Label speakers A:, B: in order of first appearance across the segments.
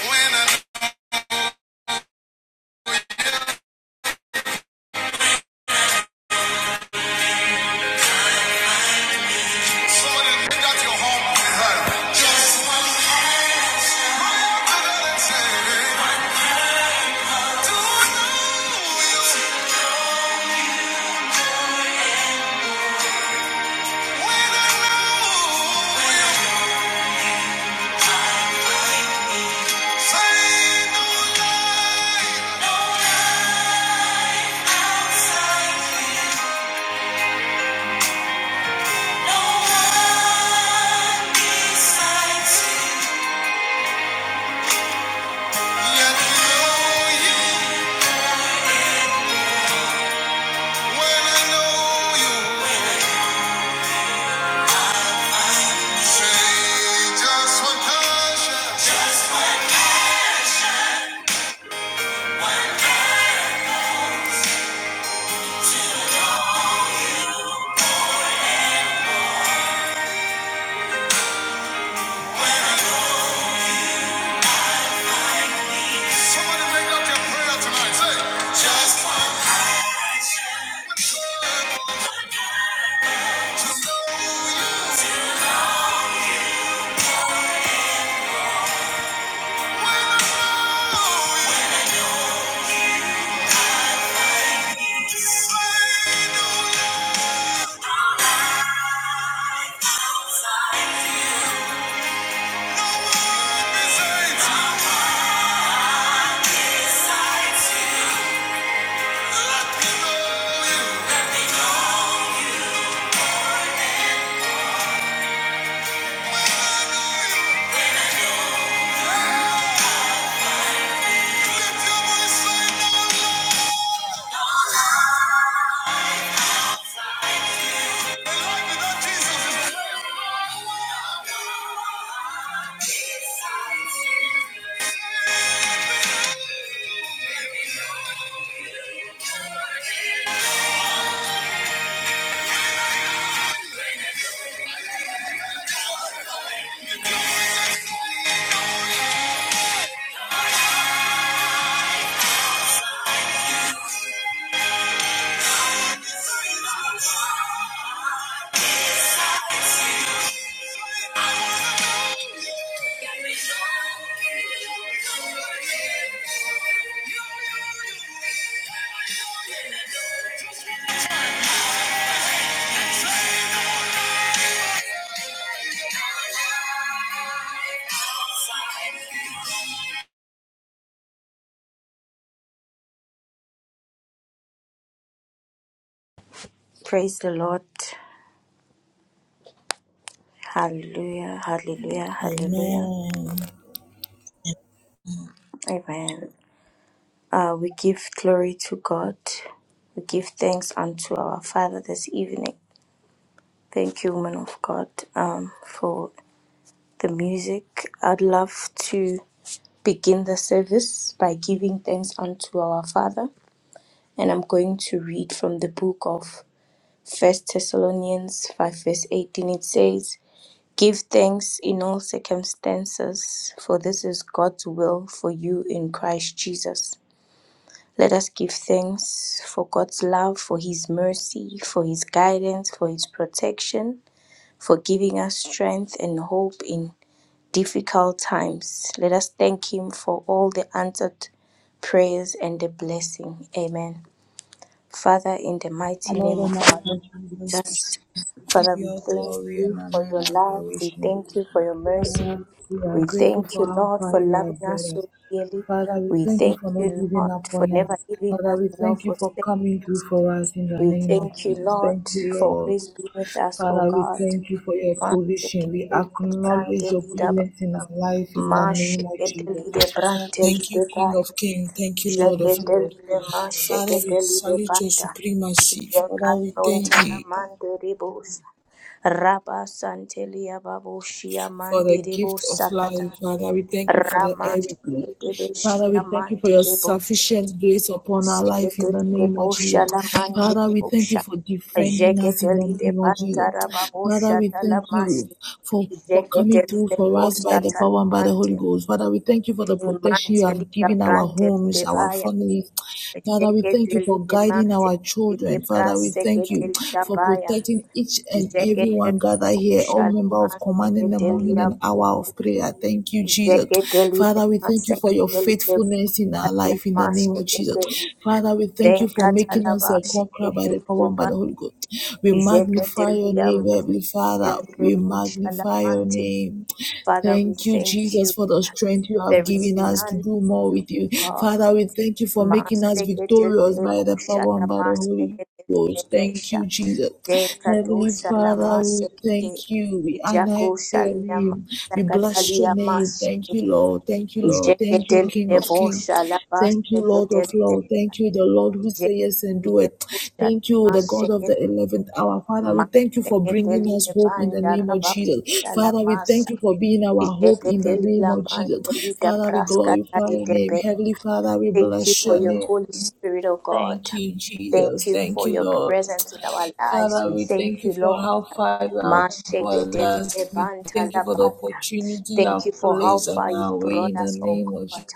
A: When I somebody lift up your home and her. I do know you. When I know you, say no No one besides you. know you. When I know you, say just one touch. When somebody lift your prayer tonight. Say just want to Thank you.
B: Praise the Lord. Hallelujah. Hallelujah. Hallelujah.
A: Amen.
B: Amen. Uh, we give glory to God. We give thanks unto our Father this evening. Thank you, woman of God, um, for the music. I'd love to begin the service by giving thanks unto our Father. And I'm going to read from the book of First Thessalonians 5, verse 18. It says, Give thanks in all circumstances, for this is God's will for you in Christ Jesus. Let us give thanks for God's love, for His mercy, for His guidance, for His protection, for giving us strength and hope in difficult times. Let us thank Him for all the answered prayers and the blessing. Amen. Father, in the
A: Our
B: mighty
A: Lord
B: name
A: and
B: of our
A: Master
B: Lord
A: Jesus,
B: Jesus,
A: we give
B: Father,
A: you
B: we
A: all
B: thank
A: glory and
B: you for
A: honor and
B: your love. We
A: adoration.
B: thank you for your mercy.
A: Father, we are
B: We
A: grateful
B: thank
A: for
B: you,
A: how
B: Lord,
A: far
B: for
A: you have
B: loving us
A: brought us.
B: so dearly.
A: Father, we
B: We
A: thank you
B: thank
A: for not
B: you,
A: giving
B: Lord,
A: up
B: for
A: on
B: never
A: us.
B: leaving us
A: Father, we
B: nor
A: thank you for
B: forsaking
A: coming through
B: us.
A: for us in the
B: We
A: name of
B: thank you,
A: Jesus.
B: Lord,
A: Thank you,
B: for
A: Lord.
B: always being with us, O
A: Father, we
B: God.
A: thank you for your
B: Masikete
A: provision. We
B: lide brande
A: acknowledge your
B: lide ba-
A: goodness in our life in the name of
B: Mashikete
A: Jesus.
B: lide brande
A: Thank you,
B: lide
A: King
B: ba.
A: of Kings. Thank you, Lord of Lords.
B: Jeketelele ma
A: Father, we
B: sheketelele
A: salute your
B: banda.
A: supremacy. Father, we thank
B: Jekasontana
A: you.
B: mandiribus. Raba santelia babushia
A: for the gift
B: mandiribus
A: of life.
B: sakata.
A: Father, we thank you for the
B: Rama
A: air we breathe. Father,
B: sheketelushia
A: we thank you for your
B: mandiribus.
A: sufficient grace upon our life in the
B: Seketelile
A: name of Jesus.
B: bosha la
A: Father, we thank you
B: mandiribusha.
A: for defending us in the
B: Jeketelile
A: name of Jesus.
B: bantara
A: Father,
B: babusha
A: we thank you
B: talamashi.
A: for, for coming through
B: Jeketelile
A: for us
B: bosha
A: by the power and by the Holy
B: talamante.
A: Ghost. Father, we thank you for the protection you
B: Imante
A: have
B: lida
A: given our homes, our
B: brante
A: families. Father, we thank you for for
B: Jeketeli
A: guiding
B: mante
A: our children. Father, we thank you
B: seketeli
A: for
B: dabaya.
A: protecting each and every one
B: Jeketeli
A: gathered here, all
B: bushala
A: member of command in the
B: maseketeli
A: morning and
B: yabu.
A: hour of prayer. Thank you, Jesus.
B: Jeketeli
A: Father, we
B: lema
A: thank you for your
B: seketeli lebu.
A: faithfulness in our
B: Adia
A: life in the name of Jesus.
B: masekete.
A: Father, we thank you for making
B: Zekatala
A: us a conqueror by the
B: baseketeli
A: power and by
B: leba.
A: the Holy Ghost. We magnify
B: Jeketeli
A: your name,
B: yama
A: Heavenly Father.
B: seketeli
A: We
B: lebu shala
A: magnify your
B: mante.
A: name.
B: Father, we
A: Thank you,
B: thank
A: Jesus,
B: you.
A: for the strength you have
B: There is
A: given us
B: none
A: to
B: like
A: do more
B: you,
A: with
B: O
A: you.
B: God.
A: Father, we thank you for making us victorious
B: Masteketelile
A: by the
B: bosha
A: power
B: la
A: and by the Holy
B: masteketelile
A: Ghost. Thank you,
B: besha.
A: Jesus.
B: Deka
A: Heavenly
B: dosha la
A: Father, we
B: masekete.
A: thank you. We honor
B: Jako
A: your
B: shalia
A: name. We bless your
B: masakatalia
A: name. Thank you,
B: masekete.
A: Lord. Thank you, Lord. Thank you, King
B: Jeketelile
A: of Kings.
B: bosha la
A: Thank you, Lord of
B: masteketelile.
A: Lord. Thank you, the Lord who says yes and do
B: Jeketelile
A: it.
B: bosha
A: Thank
B: la
A: you, the God of the
B: masekete.
A: 11th hour. Father, we thank you for bringing us
B: Masteketelile
A: hope in the
B: banda
A: name of
B: raba
A: Jesus.
B: bosha la
A: Father, we thank
B: masa.
A: you for being our hope in the name
B: Jeketelila
A: of Jesus.
B: mantelida
A: Father, we glorify your name.
B: praskatalia
A: Heavenly Father, we
B: Thank you
A: bless
B: for
A: your
B: your
A: name.
B: Holy Spirit, O God.
A: Thank you,
B: Thank
A: Jesus.
B: you
A: Thank
B: for
A: you,
B: your
A: Lord.
B: presence in our lives.
A: Father,
B: We
A: we
B: thank
A: thank you
B: you,
A: for
B: Lord.
A: how far you have brought us. We
B: Mashekelelebanta-labanta.
A: thank you for the opportunity you
B: Thank you
A: have
B: for how
A: placed
B: far
A: on
B: you've
A: our way
B: brought
A: in the
B: us, O
A: name of
B: God.
A: Jesus.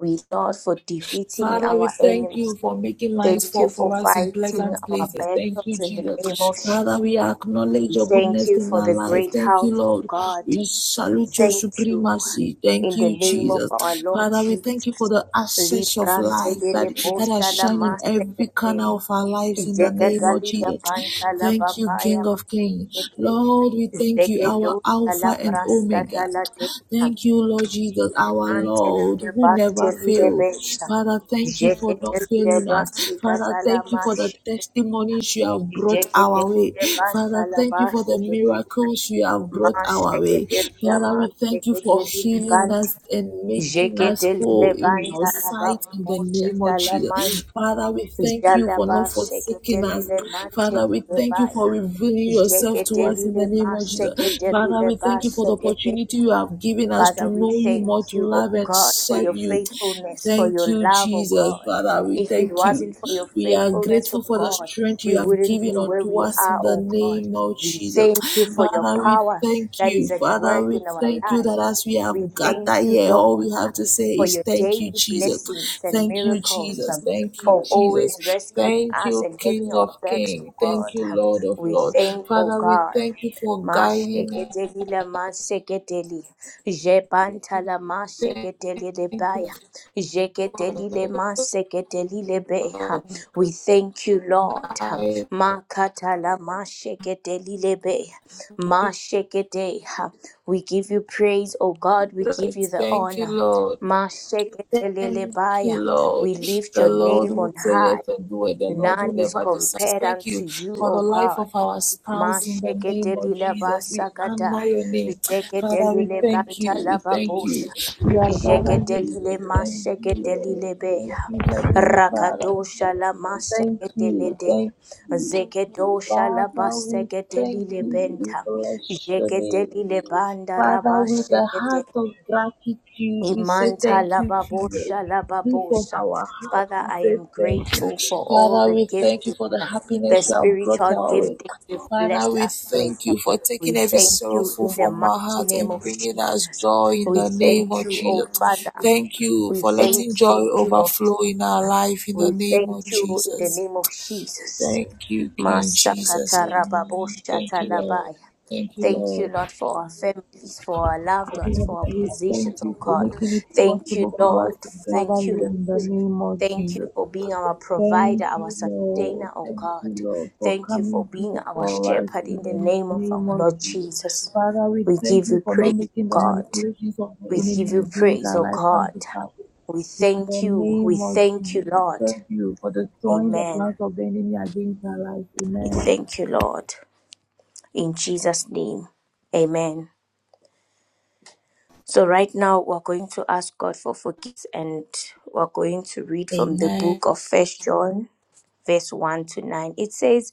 B: We Lord for defeating
A: Father,
B: our
A: we thank
B: enemies.
A: you for making lines
B: Thank you
A: fall
B: for
A: for us in
B: fighting
A: pleasant
B: our
A: places. Thank you,
B: battles in the name
A: Jesus.
B: of Jesus.
A: Father, we acknowledge
B: We
A: your
B: thank
A: goodness
B: you
A: in
B: for
A: our
B: the
A: life.
B: great
A: Thank
B: house
A: you,
B: of
A: Lord.
B: God.
A: We
B: We
A: salute your
B: thank you
A: supremacy.
B: in
A: Thank
B: the
A: you,
B: name of
A: Jesus.
B: our Lord
A: Father, we thank you for
B: Jesus.
A: the access of
B: Librante
A: light that,
B: lele
A: that has
B: posta la
A: shined in every corner
B: masekete.
A: of our lives in the name of
B: Zekedalida
A: Jesus.
B: panta la
A: Thank you,
B: babaya
A: King of Kings.
B: masekete.
A: Lord, we thank you, our
B: Zekedosta la
A: Alpha and
B: praskata
A: Omega.
B: la deka.
A: Thank you, Lord Jesus, our
B: Mante
A: Lord,
B: lide
A: who
B: bante
A: never
B: lide
A: failed.
B: besa.
A: Father, thank you for
B: Zekete
A: not
B: lide
A: failing us. Father,
B: basikata la
A: thank you for the
B: mashe.
A: testimonies you have brought
B: Zekete
A: our way.
B: lide banta
A: Father,
B: la
A: thank you for the
B: basekete.
A: miracles you have brought our way.
B: Masheketelia
A: Father, we thank you for
B: masheketelia
A: healing
B: banti.
A: us and making us
B: Jeketelile
A: whole in your
B: banta la
A: sight
B: baba
A: in the
B: mosha
A: name of
B: tala mash.
A: Jesus. Father, we thank you
B: Jala
A: for
B: ba
A: not forsaking us.
B: sheketelile
A: Father, we Father, we
B: mantelile
A: thank you for
B: baya.
A: revealing yourself to us in
B: Jeketelile
A: the name of Jesus. Father,
B: masheketelile
A: we
B: ba
A: thank you for the opportunity you have given us to
B: Father, we
A: know you
B: thank
A: more, to
B: you, O
A: love and
B: God, for
A: serve
B: your
A: you.
B: faithfulness, for
A: Thank
B: your
A: you,
B: love, O
A: Jesus.
B: God.
A: Father, we
B: If it
A: thank you.
B: wasn't for your
A: We are
B: faithfulness, O
A: grateful for the
B: God,
A: strength
B: we
A: you have
B: wouldn't
A: given
B: be where
A: unto
B: we
A: us
B: are,
A: in the
B: O God.
A: name of
B: We
A: Jesus.
B: thank you for your
A: Father, we
B: power
A: thank
B: that
A: you.
B: is at
A: Father,
B: work
A: we
B: in our
A: thank you
B: lives.
A: that as we have
B: We thank
A: gathered
B: you,
A: here, all
B: Lord,
A: we have to say
B: for
A: is
B: your
A: thank you,
B: daily
A: Jesus.
B: blessings and
A: Thank you,
B: miracles,
A: Jesus.
B: um,
A: Thank you,
B: for
A: Jesus.
B: always rescuing
A: Thank
B: us
A: you,
B: and having
A: King
B: our
A: of
B: backs, oh
A: Kings.
B: God.
A: Thank you,
B: Um,
A: Lord of
B: We
A: Lords.
B: thank, oh
A: Father, we
B: God.
A: thank you for guiding us.
B: Masheketeli la maseketeli, jebanta la
A: Thank
B: maseketeli le
A: you
B: baya,
A: for
B: jeketeli le maseketeli le beha.
A: your
B: We thank you, Lord. Makata la maseketeli le beha. Mashekete, ha. we give you praise, O God, we give you
A: guidance.
B: the
A: Thank you,
B: honor.
A: Lord. Thank you,
B: Masheketelelebaya,
A: Lord.
B: we lift
A: The
B: your
A: Lord
B: name
A: will
B: on
A: say
B: high.
A: yes and do it. The Lord
B: None
A: will
B: is
A: never decide.
B: compared
A: Thank
B: unto
A: you
B: you,
A: for the
B: O
A: life
B: God.
A: of our spouse in the
B: Mashekete
A: name of
B: lila
A: Jesus. We
B: basakata,
A: honor your name.
B: jekete
A: Father, we
B: lile
A: thank
B: banta
A: you. We
B: la
A: thank
B: babosha,
A: you. We are gathered
B: jekete
A: here.
B: lile
A: Thank you,
B: mashekete
A: Lord.
B: lile
A: Thank
B: beha,
A: you, Heavenly Father.
B: rakadosha la
A: Thank
B: masekete
A: you.
B: lede,
A: Thank you.
B: zeketosha la
A: Father, we
B: basekete
A: thank
B: lile
A: you. We
B: benta,
A: bless your
B: jekete
A: name.
B: lile banda
A: Father, with a heart of gratitude, we say
B: Imanta
A: thank you, Jesus.
B: lababosha
A: Be from
B: lababosa.
A: our heart,
B: Father,
A: we
B: I
A: say
B: am
A: thank you.
B: grateful for all
A: Father,
B: the
A: we thank you
B: giftings,
A: for the
B: uh, the
A: happiness you have brought
B: spiritual
A: our way.
B: giftings you've
A: Father,
B: blessed
A: we
B: us
A: thank
B: with.
A: you for taking
B: We
A: every
B: thank you
A: sorrowful
B: in the
A: from our
B: mighty
A: heart
B: name
A: and
B: of
A: bringing us
B: Jesus.
A: joy in
B: We
A: the name
B: thank
A: of
B: you, O
A: Jesus.
B: Father.
A: Thank you
B: We
A: for
B: thank
A: letting joy
B: you, King of
A: overflow
B: Kings.
A: in our life in
B: We
A: the name
B: thank
A: of
B: you in the
A: Jesus.
B: name of Jesus.
A: Thank you, King Jesus.
B: Masakata
A: Amen. Thank you, Lord.
B: rababosha
A: Thank you,
B: Thank
A: Lord.
B: you, Lord, for our families, for our loved
A: Lord,
B: ones, for our
A: we thank
B: positions, oh
A: you for
B: God.
A: making it
B: Thank you,
A: possible for us
B: Lord.
A: to gather
B: Thank you,
A: here
B: Lord.
A: in the name of
B: Thank you
A: Jesus.
B: for being our provider,
A: Thank
B: our
A: you, Lord.
B: sustainer, oh
A: Thank you,
B: God.
A: Lord, for
B: Thank you for
A: coming
B: being
A: through
B: our
A: for us
B: shepherd
A: in
B: in the
A: the
B: name of
A: name
B: our
A: of
B: Lord
A: Jesus.
B: Jesus.
A: Father, we
B: We
A: thank
B: give
A: you
B: you
A: for not
B: praise, oh
A: making the
B: God.
A: manipulations of the
B: We give
A: enemy
B: you
A: against
B: praise,
A: our
B: oh
A: life come
B: God.
A: to pass.
B: We
A: In the
B: thank you. We
A: name of
B: thank you,
A: Jesus,
B: Lord.
A: thank you for destroying the
B: Amen.
A: plans of the enemy against our life.
B: We
A: Amen.
B: thank you, Lord. In Jesus' name, amen. So, right now, we're going to ask God for forgiveness and we're going to read from the
A: Amen.
B: book of First John, verse 1 to 9. It says,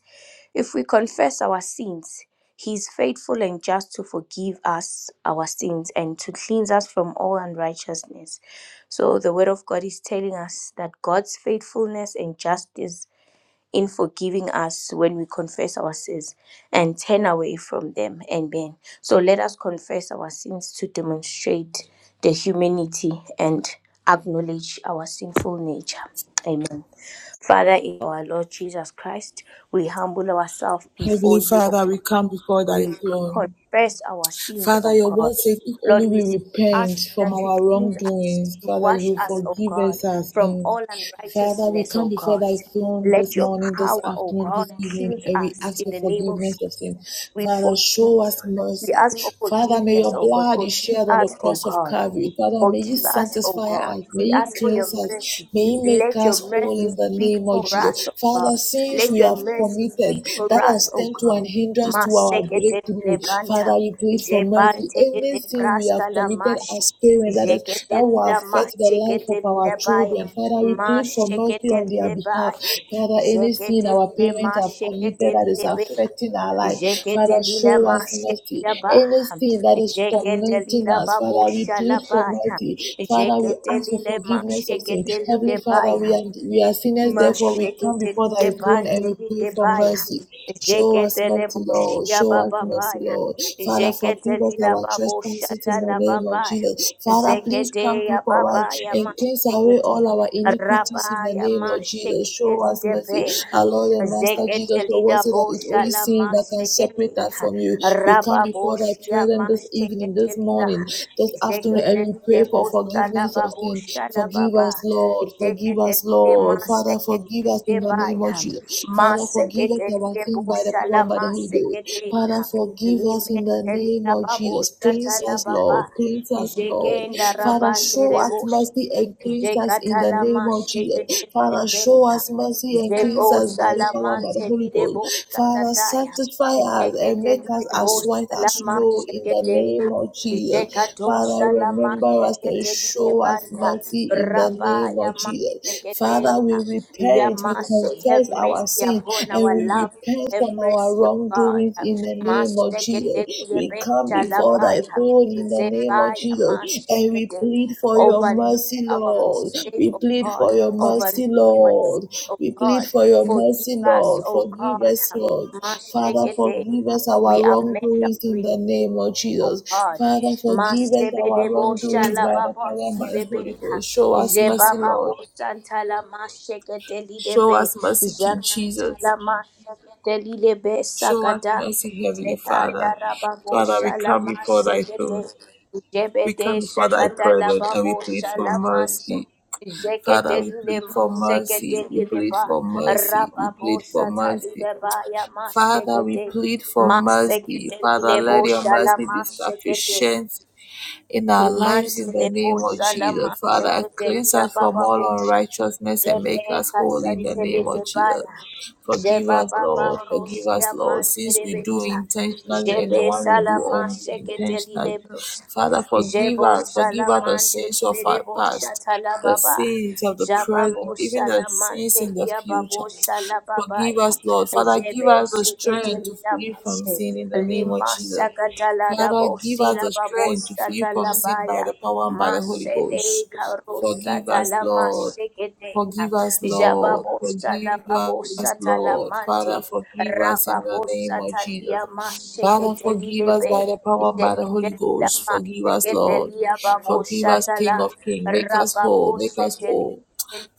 B: If we confess our sins, he is faithful and just to forgive us our sins and to cleanse us from all unrighteousness. So, the word of God is telling us that God's faithfulness and justice in forgiving us when we confess our sins and turn away from them. Amen. So let us confess our sins to demonstrate the humanity and acknowledge our sinful nature. Amen. Father, in our Lord Jesus Christ, we humble ourselves before
A: Heavenly
B: you, O
A: Father, we come before thy
B: we
A: throne.
B: confess our sins,
A: Father,
B: O
A: your
B: God.
A: word says if
B: Lord,
A: only
B: we
A: we repent
B: ask that
A: from
B: you
A: our
B: cleanse us,
A: wrongdoings,
B: you
A: Father,
B: wash
A: you
B: us, O
A: forgive
B: God,
A: us our
B: from
A: sins.
B: all
A: Father, we
B: unrighteousness,
A: come
B: O
A: before
B: God.
A: thy throne this
B: Let your
A: morning, this
B: power, O
A: afternoon,
B: God,
A: this evening,
B: cleanse
A: and we
B: us
A: ask
B: in
A: for
B: the name of
A: forgiveness of sin.
B: we
A: Father,
B: forgive.
A: show us
B: We
A: mercy.
B: ask for
A: Father, may
B: forgiveness,
A: your
B: oh God.
A: blood be
B: Forgive
A: shed on the
B: us, oh
A: cross of
B: God.
A: Calvary. Father, may you
B: Forgive us, O
A: sanctify
B: God.
A: us. May
B: We
A: you
B: ask for your
A: cleanse us.
B: mercy.
A: May you make
B: Let
A: us
B: your
A: whole
B: mercy
A: in the
B: speak
A: name of
B: for us,
A: Jesus.
B: O
A: Father,
B: God.
A: sins
B: Let
A: we
B: your
A: have
B: mercy
A: committed
B: speak for
A: that
B: us,
A: has
B: O
A: turned to
B: God.
A: an hindrance to our
B: Masekete
A: breakthrough.
B: lebanta.
A: Father, we plead for mercy.
B: Zebante
A: Any
B: de
A: sin we have
B: brasta la
A: committed
B: mashi.
A: as parents, that is, that
B: Zekete
A: that will
B: lila
A: affect the life
B: mashekete
A: of our
B: lila baya.
A: children. Father, we plead for mercy
B: Mashekete
A: on their
B: lile
A: behalf.
B: baya.
A: Father, any sin
B: Zekete
A: our
B: lile
A: parents have committed
B: mashekete
A: that is
B: lile baya.
A: affecting our life, Father,
B: Jeketelila
A: show us mercy.
B: mashekila ba.
A: Any sin that is tormenting
B: Jeketelila
A: us,
B: babo
A: Father, we plead for
B: shalabaya.
A: mercy. Father, we ask for
B: Jeketelile
A: forgiveness of sin.
B: masheketelile
A: Heavenly Father, we
B: baya.
A: are, we are sinners, therefore we come before
B: Masheketelide
A: thy throne and we pray
B: bandelide
A: for
B: baya.
A: mercy. Show us
B: Jeketele
A: mercy, Lord.
B: boshia
A: Show us
B: baba
A: mercy,
B: baya.
A: Lord. Father, forgive us
B: Jegetelila
A: our our
B: babo
A: trespasses
B: shata
A: in the
B: la
A: name of
B: baba.
A: Jesus. Father, please
B: zekete
A: come
B: ya
A: through for us
B: baba ya
A: and
B: la shatala babaya.
A: cleanse
B: Zegedeya babaya
A: away
B: zekete
A: all our iniquities in the
B: Rabaya
A: name of Jesus.
B: mashegete
A: Show us mercy.
B: lidebeha.
A: Our Lord and Master Jesus, your word
B: Zegetelida
A: said that it's only
B: boshala
A: sin that can
B: mashegete.
A: separate us from you. We come before thy
B: Rababoshia
A: presence this evening,
B: mashegete
A: this
B: lila.
A: morning, this afternoon, and we
B: Zegetelide
A: pray for
B: boshala
A: forgiveness of sin.
B: baboshala
A: Forgive
B: baba.
A: us, Lord. Forgive us,
B: Zegetelide
A: Lord. Father,
B: mashegete
A: forgive us in the name of
B: libaya.
A: Jesus. Father, forgive us
B: Mashegete
A: our
B: lide
A: sins by the
B: boshala
A: power and by the Holy Ghost today.
B: mashegete.
A: Father, forgive us in the
B: Limente
A: name
B: la
A: of Jesus.
B: babosha
A: Cleanse
B: tala
A: us,
B: baba.
A: Lord. Cleanse us, Lord.
B: Jekenda
A: Father,
B: rabande
A: show us
B: rebosha.
A: mercy and cleanse us in the
B: Jekatala
A: name of
B: masheke
A: Jesus.
B: de
A: Father, show
B: benta.
A: us mercy and
B: Jebo
A: cleanse us by the power by
B: salamante
A: the
B: di
A: Holy Ghost.
B: debosa
A: Father,
B: tataya.
A: sanctify us and
B: Jekete
A: make
B: de
A: us as white
B: debosa la
A: as snow in
B: masheke
A: the
B: de.
A: name of Jesus.
B: Jekato
A: Father, remember us
B: salamasheke
A: and
B: de
A: show us
B: banta.
A: mercy in the name
B: Rabaya
A: of Jesus. Father,
B: Sekedeha.
A: we repent, we
B: Yamase, have
A: confess our
B: mercy
A: sin
B: upon
A: and
B: our
A: we
B: love.
A: repent
B: Have
A: from our
B: mercy, O God.
A: wrongdoings in the name of Jesus.
B: Masekete
A: We
B: dilebe
A: come before thy
B: shalabaya.
A: throne in the name of
B: Zebaya
A: Jesus and we
B: mashekete.
A: plead for your
B: Overlook
A: mercy,
B: our
A: Lord.
B: mistake,
A: We
B: O
A: plead
B: God.
A: for your mercy,
B: Overlook our
A: Lord.
B: sin, O
A: We plead
B: God.
A: for your
B: Forgive
A: mercy,
B: us,
A: Lord.
B: O
A: Forgive
B: God.
A: us, Lord. Father,
B: Mashekete.
A: forgive us our
B: We amend our
A: wrongdoings in the
B: relationship.
A: name of
B: Oh
A: Jesus.
B: God,
A: Father, forgive us
B: Masebe de
A: our
B: Bosha
A: wrongdoings
B: la
A: by the
B: Baba
A: power and by the
B: Sibebe,
A: Holy Ghost. Show us
B: Jeba
A: mercy, Lord.
B: Babo Santa la Masheketeli de
A: Show
B: Be,
A: us mercy, King
B: Jacanta
A: Jesus.
B: la Masheketeli de Be
A: Show us
B: Sakata,
A: mercy, Heavenly
B: Zekanda
A: Father.
B: Rabba
A: Father, we
B: Bosha la
A: come
B: Babo
A: before thy
B: Shala
A: throne.
B: Masekete,
A: We come
B: Jebede
A: before thy
B: Shakata la
A: presence and we
B: Babo
A: plead for
B: Shala
A: mercy. Father, we plead
B: Jeketelulema,
A: for mercy. We plead
B: seketeluleba,
A: for mercy. We
B: rababo
A: plead for mercy.
B: sataluleba ya
A: Father, we
B: masekete,
A: plead for mercy. Father,
B: maseketelulebo
A: let your mercy
B: shalama
A: be
B: sekete,
A: sufficient in our lives in the
B: imantelebo
A: name of
B: shalama
A: Jesus. Father,
B: sekete,
A: cleanse us from
B: yabababo
A: all
B: sha-
A: unrighteousness and make us
B: Rebeka
A: whole in the name of
B: santeluleba
A: Jesus.
B: ya,
A: Forgive us,
B: jebababa
A: Lord. Forgive
B: rosia
A: us, Lord, since we do
B: mantelebesa,
A: intentionally and
B: jebe
A: the one we do
B: shalama
A: unintentionally.
B: seketelulebo.
A: Father, forgive
B: Jebo
A: us. Forgive us the
B: Shalamande
A: sins of our
B: Berebo
A: past, the
B: Shatalababa.
A: sins of the present,
B: Jababo
A: even the sins
B: Shalamante
A: in the future.
B: Liababo
A: Forgive
B: Shalababaya.
A: us, Lord. Father, give
B: Jebe
A: us the strength to
B: Shiketelia
A: flee from
B: Bose.
A: sin in the name of
B: Lima
A: Jesus. Father,
B: Sakatalabo
A: give us the
B: Silababo
A: strength to flee from sin by
B: Satalabaya.
A: the power and by the Holy
B: Masede
A: Ghost.
B: Karosa
A: Forgive us,
B: Talama
A: Lord.
B: Shikete.
A: Forgive us, Lord.
B: Jababo
A: Forgive
B: Shalababo
A: us, Lord. Father,
B: Satalamante.
A: forgive us in the name of
B: Rababosatalia
A: Jesus. Father, forgive us
B: masheketelilebe.
A: by the power and by the Holy
B: Zeketelia
A: Ghost. Forgive us, Lord.
B: masheketelia
A: Forgive us,
B: baboshatala.
A: King of Kings. Make us whole. Make us
B: Rababoseteli
A: whole.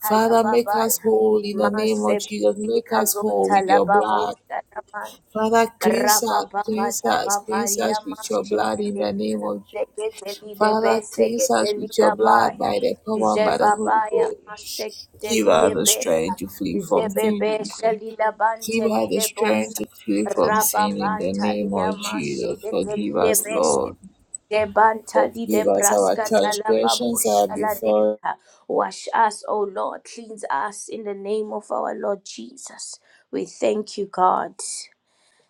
A: Father, make us whole in the name of Jesus. Make us whole with your blood.
B: Masepekazontalababoshatama.
A: Father, cleanse us, cleanse us, cleanse
B: Rapapaparia
A: us with your blood in
B: machete,
A: the name of Je-
B: seketeli de be
A: Father, cleanse us
B: seketeli
A: with your
B: la
A: blood
B: baya,
A: by the power and by the Holy
B: jebabaya
A: Ghost. Give
B: macheketeli
A: us
B: le
A: the
B: beha,
A: strength to flee from sin.
B: jebebe sheli la
A: Give
B: bante
A: us
B: li
A: the
B: le
A: strength
B: bosa,
A: to flee from sin in the name
B: rapapantalia
A: of Jesus.
B: macheketeli
A: Forgive
B: le
A: us,
B: bese.
A: Lord.
B: Debantali de
A: Forgive us our
B: braska talababo
A: transgressions are before.
B: shaladeha. Wash us, O Lord. Cleanse us in the name of our Lord Jesus. We thank you, God.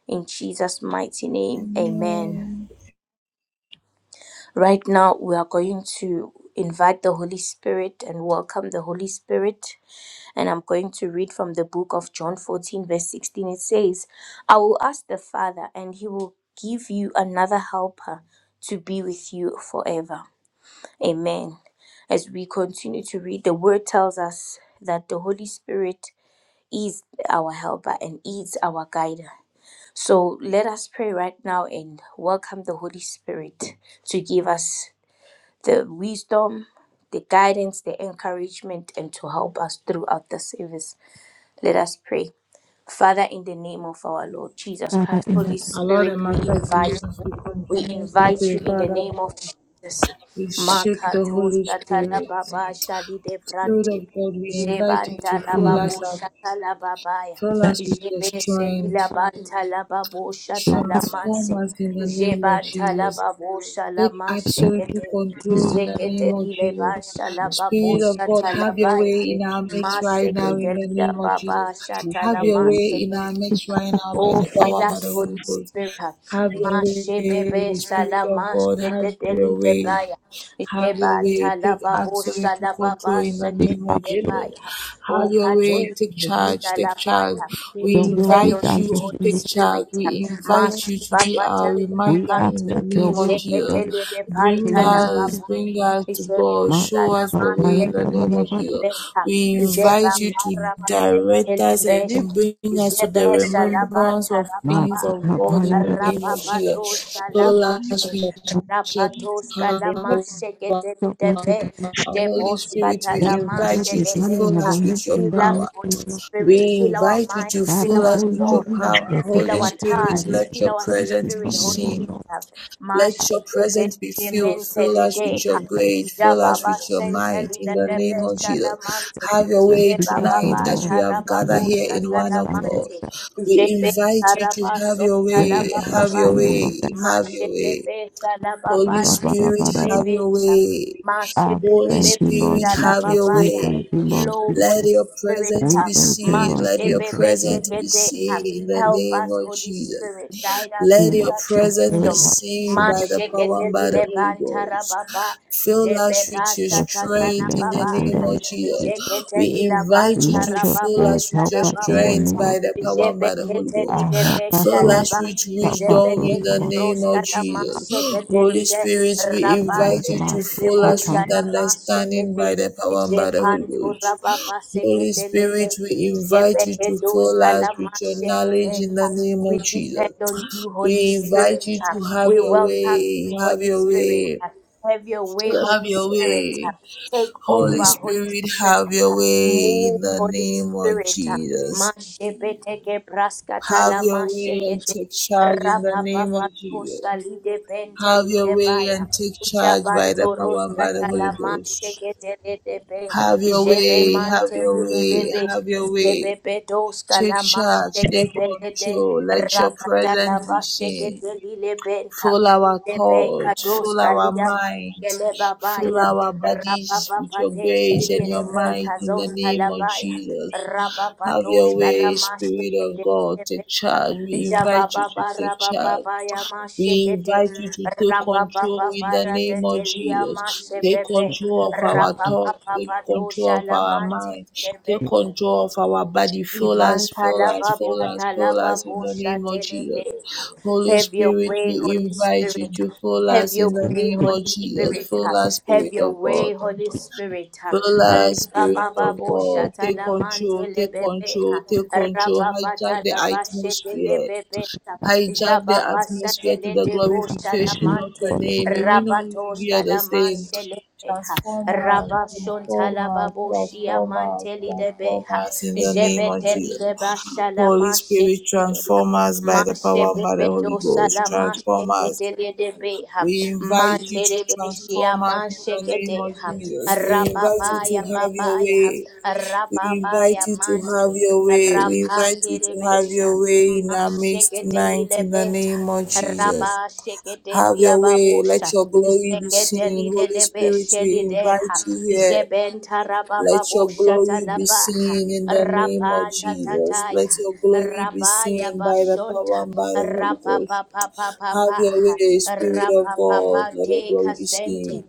B: In Jesus' mighty name, amen.
A: Amen.
B: Right now, we are going to invite the Holy Spirit and welcome the Holy Spirit. And I'm going to read from the book of John 14, verse 16. It says, I will ask the Father, and he will give you another helper to be with you forever. Amen. As we continue to read, the word tells us that the Holy Spirit is our helper and is our guide. So let us pray right now and welcome the Holy Spirit to give us the wisdom, the guidance, the encouragement, and to help us throughout the service. Let us pray. Father, in the name of our Lord Jesus Christ, Holy
A: Our Lord
B: Spirit,
A: and
B: we
A: Master
B: invite
A: Jesus, we
B: we
A: continue to
B: invite you
A: pray,
B: in the
A: Father.
B: name of Jesus.
A: We shake the
B: Makato
A: Holy
B: shatala
A: Spirit.
B: baba shadi de
A: Spirit
B: brante.
A: of God, we invite you
B: Jebanta
A: to
B: la
A: fill us
B: babo
A: up,
B: shatala babaya.
A: fill us with your
B: Jebe selila
A: strength,
B: banta la babo shatala
A: transform
B: manse.
A: us in the name of
B: Jebanta la
A: Jesus.
B: babo
A: Take
B: shalama
A: absolute
B: shekete.
A: control in the name
B: Zekete
A: of
B: lile
A: Jesus.
B: basha la babo
C: Yes,
A: Spirit of
B: shatala
A: the way
B: baya.
C: Lord,
A: in our midst right now
C: Lord,
A: in
B: Masekete
A: the
B: lila
A: name of Jesus.
B: baba
C: you
A: Have
B: shatala
C: are
A: your
C: the
A: way
C: living
A: in our midst right now by
B: Oh,
A: the
C: Christ,
A: power
B: fill
A: of
B: us,
A: the
B: Holy
A: Holy Ghost.
B: Spirit.
A: Have your
C: Jesus,
B: Mashe bebe
A: way, Spirit of
B: salama
A: God. Have
B: shete deli
A: your way.
B: debaya.
A: Have your way.
B: Jebanta la
A: Take
B: babo
A: absolute control
B: salababa
A: in the
B: shete
A: name of
C: the
A: Jesus.
B: debaya.
A: Have
B: Oh,
A: your way.
C: Lord,
B: kateli
A: Take
C: the living
A: charge. Take charge.
B: salabaya. We
D: Your
A: We
D: will be
B: depend on
A: invite
D: done
A: you
B: you,
D: in
A: to
B: Holy
D: me.
A: take charge.
B: Spirit.
A: We invite
C: Christ,
B: Mashe
A: you to be
B: baba
C: Jesus, the
A: our
C: living
B: tali la
D: We
A: reminder
D: ask
A: in
B: pante.
A: the
D: that your
A: name of
D: will be
A: Jesus.
D: done
B: Jeketele de
A: Bring
D: in
B: panta
D: me.
B: la
D: Lord.
A: us,
B: baba.
A: bring us to God.
D: My
A: Show
B: Jebanta la
A: us the way in
D: papaya,
A: the
D: da ba
B: mashe
A: name of Jesus.
B: Lebelebeha,
A: We
B: Jeba
A: invite you
C: Christ,
A: to
B: Marabasente
A: direct us
B: Lebesha,
C: Jesus,
A: and bring us to the
B: Jebesha
A: remembrance
B: Labanta
A: of
D: My
B: Rababa,
A: things of God in
D: papaya, Your ba
A: the
D: da ba da.
A: name of Jesus.
B: Rababadosha
A: So as
B: Lamashe,
A: we your
B: Rabadoska
C: the
A: power.
C: living
B: Lamashe
D: Your will
B: Gedebe,
A: Holy
B: Jeboska
A: Spirit, we invite
B: Talamashe
A: you
D: be
A: to
D: done in
A: fill
B: Lebeha,
A: us
D: heaven
A: with your
D: in
B: Fill
D: the
B: us,
A: power.
D: mighty
B: Holy
D: name of Jesus.
B: Spirit,
A: We
B: fill our
A: invite you to
B: minds, fill
A: fill
D: Father, O
B: our
A: us with
D: Lord,
A: your
D: we
B: thoughts,
D: are
A: power.
D: here to
B: fill
A: Holy
D: grant
B: our
D: and we
A: Spirit,
D: are
B: tongues,
A: let
B: fill
A: your
D: here
B: our
D: to
A: presence
D: receive
A: be
B: spirit,
D: from
B: Holy
D: you, O
B: Spirit.
A: seen.
D: Lord.
A: Let your
B: Mashekete
A: presence be filled. Fill
B: mentally
A: us
B: day.
A: with your grace. Fill us
B: Jababa
A: with your
B: sentali
A: might. In the
B: nebebe
A: name of Jesus.
B: shalamante.
A: Have your
D: And
A: way
D: teach us, O
A: tonight
B: Jebababa
A: as we
D: Lord,
A: have gathered
D: bring
B: tarababu
A: here in one
D: understanding,
A: accord.
B: shatalamante.
A: We
B: Jebe
A: invite you
B: taraba
A: to have your
D: bring us
A: way. Have
B: sotalababa.
A: your
D: understanding of
A: way.
D: that.
A: Have your way.
B: Mashebebe
A: Holy
D: Father, father,
B: talababante.
D: father,
A: Spirit,
D: father. ba
A: have
B: Bebe
A: your
B: sha.
A: way.
D: Ah,
A: Holy
D: thank
B: Mashebebe
D: you, Lord
A: Spirit, have
D: Jesus.
A: your
D: We
B: talababa
D: thank
A: way.
D: you, Lord
B: flow,
D: Jesus.
A: Let
B: Holy
A: your
B: Spirit.
A: presence
D: We
B: uh,
A: be
D: thank you,
A: seen.
D: Lord
A: Let your
D: Jesus. We
A: presence be
B: Mashebebeshekete, uh,
A: seen in the
B: Help
A: name
B: us,
A: of
B: Holy
A: Jesus.
B: Spirit. Guide us,
A: Let
B: give
D: let
A: your
B: us the
D: your
A: presence be
D: spirit
B: wisdom.
D: help us, O
A: seen
D: Lord.
A: by the power
B: Mashekete
A: and by the Holy
B: lilebantara
A: Ghost.
B: baba,
A: Fill us
B: jebeba
A: with your
D: Your spirit
B: satatala
A: strength
D: lead
A: in the
B: baba,
D: us in the
A: name
D: name of
A: of Jesus.
D: Jesus.
B: jekete
A: We invite you to
D: Let
B: lilabantara
D: your
A: fill
D: spirit
A: us
B: babosa
A: with
D: help
A: your
B: la
D: us in the
A: strength
D: name
B: babosa.
D: of
A: by the power and by the Holy Ghost.
D: our
B: Jebeketelide
D: help us, O
A: Fill
D: Lord.
A: us
B: shalaba,
A: with
D: Help us, O
A: wisdom in
B: Jebeke
A: the
D: Lord,
A: name of
B: proskala
A: Jesus. Holy
B: maseketelide,
A: Spirit, we
D: O Lord,
A: invite you to
D: Master,
B: Rabandele
A: fill us with
D: Papa,
B: bushala
A: understanding
B: masekete,
A: by the power and by the Holy
B: Jepanto
A: Ghost.
B: rababa
A: Holy Spirit,
B: seketelide,
A: we
B: we
A: invite you to fill us with your knowledge in the name of Jesus.
B: depend on you, Holy
A: We invite
B: Spirit.
A: you
B: uh,
A: to have
B: We
A: your
B: welcome
A: way,
B: you,
A: have
B: Holy
A: your
B: Spirit.
A: way,
B: uh, Have your way,
C: Christ,
A: have
B: Holy
A: your
B: Spirit. uh,
A: way.
B: Take
A: Holy
D: Master.
B: over,
C: Lord,
B: Holy
A: Spirit,
B: Spirit.
A: have
B: uh,
A: your way
B: Move,
A: in the
B: Holy
A: name of
B: Spirit. uh,
A: Jesus.
B: Mashebeteke
A: Have
B: braskatala
A: your way and
B: mashekete.
A: take charge in the name of Jesus.
B: Rapapapaposa lide pente
A: Have
B: lide
A: your way
B: baya.
A: and take charge by the
B: Jabantoro
A: power and by the
B: satala
A: Holy Ghost.
B: masheke dele debe.
A: Have your
B: Jebe
A: way, have
B: mante
A: your
B: lide
A: way,
B: bebe.
A: have your
B: Jebe
A: way.
B: bedos kala
A: Take charge,
B: masheke
A: take
B: dele de.
A: control. Let your
B: Rakatala
A: presence be
B: basheke
A: seen.
B: dele benta.
A: Fill our
B: Jebe
A: thoughts,
B: kados
A: fill our
B: kalia
A: minds, fill
B: Gelebabaya,
A: our bodies with your
B: Rabababatosh
A: grace and your
B: Gilebeka
A: might in the
B: Zonta
A: name of
B: Labaya,
A: Jesus. Have
B: Rababatosh
A: your way, Spirit of
B: Kalamashekete
A: God. Take
B: Beta,
A: charge. We invite you to
B: Jabababa
A: take charge.
B: Rabababaya
A: We
B: Mashekete,
A: invite you to take control in
B: Rabababa
A: the name of
B: Radelia
A: Jesus. Take
B: Mashepepe,
A: control of our thoughts. Take control
B: Rabababadosha
A: of our
B: Lamante
A: mind. Take
B: Bente.
A: control of our body. Fill us,
B: Imanta
A: fill us,
B: lababu
A: fill us, fill us in the
B: talababosha
A: name of
B: telete.
A: Jesus. Holy
B: Have your
A: Spirit,
B: way,
A: we
B: Holy
A: invite you
B: Spirit.
A: to fill
B: Have
A: us
B: your
A: in the
B: way,
A: name of
B: Holy
A: Jesus.
B: Spirit.
A: Fill
B: ha.
A: us,
B: Have
A: Spirit
B: your
A: of
B: way,
A: God.
B: Holy Spirit. ha.
A: Fill us,
B: Aliba
A: Spirit
B: baba
A: of
B: bo
A: God.
B: shata
A: Take
B: la mante
A: control,
B: le
A: take
B: bebe.
A: control,
B: ha.
A: take control.
B: Raba
A: Hijack
B: bata
A: the
B: la ba shete le
A: atmosphere
B: bebe. ha.
A: hijack the
B: Jaba ba
A: atmosphere
B: shate
A: to
B: le
A: the
B: de bo
A: glorification of
B: shalamante.
A: your name. May we not
B: Raba
A: leave
B: to
A: here the
B: shalama
A: same.
B: be, ha.
A: Transform us,
B: Raba shonta
A: transform
B: la
A: us,
B: babo shia
A: transform us,
B: mante li de be.
A: transform
B: ha.
A: us in the name of
B: Jebete li
A: Jesus.
B: de ba
A: Holy
B: shalama
A: Spirit,
B: shete.
A: transform us by the power and by the
B: Mashebebeto
A: Holy
B: sala
A: Ghost. Transform
B: mashekete
A: us.
B: de beha.
A: We invite you to
B: Materebeshia
A: transform us in the
B: mashekete
A: name of
B: ha.
A: Jesus. We invite you to
B: Rababaya
A: have your
B: babaya. ha.
A: way we invite
B: Rababaya
A: you to
B: mante.
A: have your way. We invite you to have
B: Rapanderebesha.
A: your way in our midst
B: Mashekete
A: tonight in the
B: lilebenta.
A: name of Jesus.
B: Rabashekete
A: Have your way.
B: liababosha.
A: Let your glory be
B: Jeketeli
A: seen.
B: de
A: Holy
B: lebe
A: Spirit, we
B: sheli Jegedelidedebeshelideha.
A: invite you here. Let your glory be
B: Jebentarabababoshatalaba.
A: seen in the name of Jesus.
B: Rapatataya.
A: Let your glory be
B: Rabaya
A: seen by the
B: bashonta.
A: power and by the Holy Ghost. Have
B: Rapapapapapapa.
A: your way, Spirit of God. Let
B: Rapapapate
A: your glory be
B: kasente.
A: seen.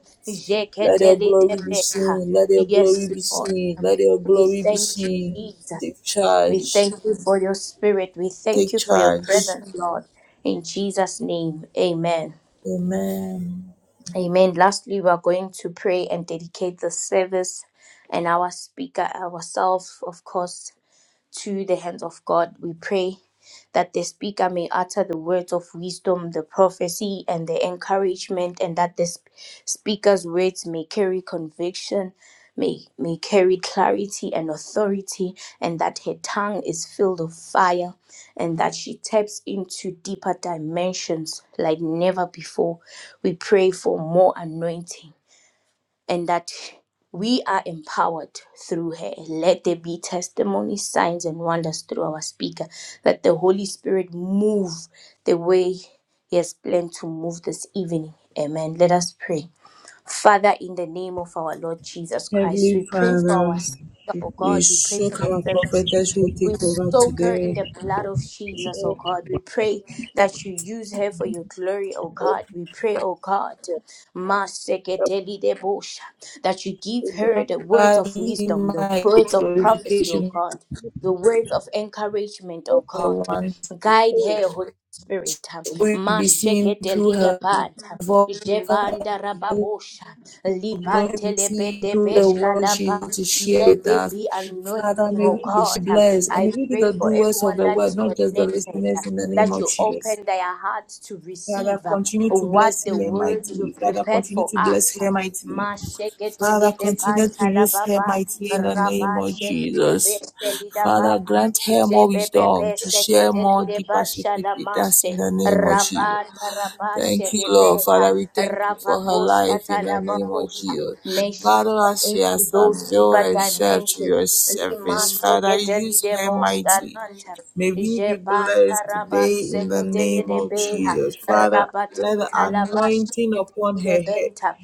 A: Let your
B: Jeketeli de
A: glory be
B: be ha.
A: seen. Let your glory
B: Yes,
A: be
B: Lord.
A: seen. Let your
B: We
A: glory be
B: thank you,
A: seen.
B: Jesus.
A: Take
B: We
A: charge.
B: thank you for your spirit. We thank
A: Take
B: you for your
A: charge.
B: presence, Lord. In Jesus' name, amen.
A: Amen.
B: Amen. Lastly, we are going to pray and dedicate the service and our speaker, ourselves, of course to the hands of God. We pray that the speaker may utter the words of wisdom, the prophecy, and the encouragement, and that the sp- speaker's words may carry conviction, may, may carry clarity and authority, and that her tongue is filled with fire, and that she taps into deeper dimensions like never before. We pray for more anointing and that we are empowered through her. Let there be testimonies, signs, and wonders through our speaker. Let the Holy Spirit move the way He has planned to move this evening. Amen. Let us pray. Father, in the name of our Lord Jesus Christ, we
A: Heavenly
B: pray for our
A: Father,
B: speaker, oh
A: we
B: God. We pray for
A: soak
B: the
A: our
B: service.
A: prophetess who
B: We
A: take over
B: soak her in
A: today.
B: the blood of Jesus, oh God. We pray that you use her for your glory, oh
C: Lord,
B: God. We pray, oh God,
C: as yourself,
B: Maseketelidebosha, that you
C: the
B: give
C: Lord,
B: her the words of wisdom, the words of prophecy, oh
A: Glorification
B: God, the words of encouragement, oh
C: Lord,
A: for the
B: God.
A: one.
B: Guide
C: always,
B: her, Holy Spirit.
C: so
A: Glory be seen through her
B: Masheketelidebata,
A: voice. Father,
B: Jebanda rababosha,
A: glory be seen through the word
B: lipantelebedebeshkalaba,
A: she has to share
B: let
A: with
B: there
A: us.
B: be
A: Father,
B: anointing,
A: may
B: oh
A: we be
B: God. Um,
A: blessed and
B: I
A: may we be
B: pray
A: the
B: for
A: doers of
B: everyone
A: the
B: that
A: word,
B: is
A: not just the
B: connected uh,
A: listeners in the name
B: that
A: of
B: you
A: Jesus.
B: open their hearts to
A: Father,
B: receive um, what the word you prepared for us. Um,
A: Father,
B: Masheketelelepantalababa,
A: counselors, Father,
B: rabashelebebeshelidababa,
A: grant her more wisdom, to her more deeper secret with us in
B: jebebebeseketelelebashalamashe,
A: the name of Jesus. Thank you, Lord.
B: rabatarabashelebeha,
A: Father, we thank you for her life in the name of
B: rababoskatalababosa.
A: Jesus.
B: May she
A: Father,
B: step
A: as she
B: into
A: has
B: those deeper
A: availed herself to
B: dimensions.
A: your
B: Lima
A: service, Father,
B: seketeli
A: use
B: de
A: her mightily.
B: bostananta.
A: May we be
B: Jeba
A: blessed
B: karaba
A: today in the
B: seketeli
A: name
B: de
A: of
B: beha.
A: Jesus. Father, let the
B: Rabatinta laba
A: anointing
B: seketeli
A: upon
B: de
A: her head
B: benta.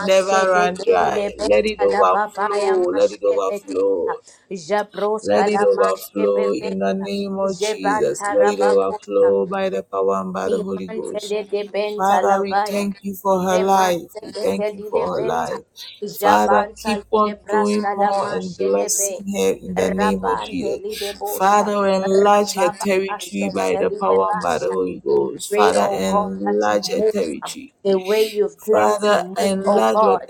A: never run
B: de
A: dry. Let
B: benta
A: it
B: laba baya
A: overflow. Let it
B: mashebeteha.
A: overflow. Let
B: Jabroska
A: it
B: la
A: overflow
B: mashebebeka.
A: in the name of Let
B: Jebanta
A: it
B: rabakosa.
A: overflow by the power and by the Holy
B: Imantele
A: Ghost.
B: de de benta
A: Father, we
B: lavaya.
A: thank you for her life. We
B: Jemantele de
A: thank you
B: lile
A: for her
B: benta.
A: life. Father,
B: Jabanta
A: keep
B: de
A: on doing
B: brasta la
A: more and
B: mashele be.
A: blessing her in the name of
B: Rabante li de
A: Jesus.
B: bosha.
A: Father, enlarge her
B: Rababa
A: territory by
B: basente
A: the
B: lile
A: power and by the
B: basha.
A: Holy
B: We
A: Ghost.
B: pray,
A: Father,
B: oh God, that you
A: enlarge her
B: move um,
A: territory.
B: the way you've planned to
A: Father,
B: move, oh
A: enlarge with
B: God.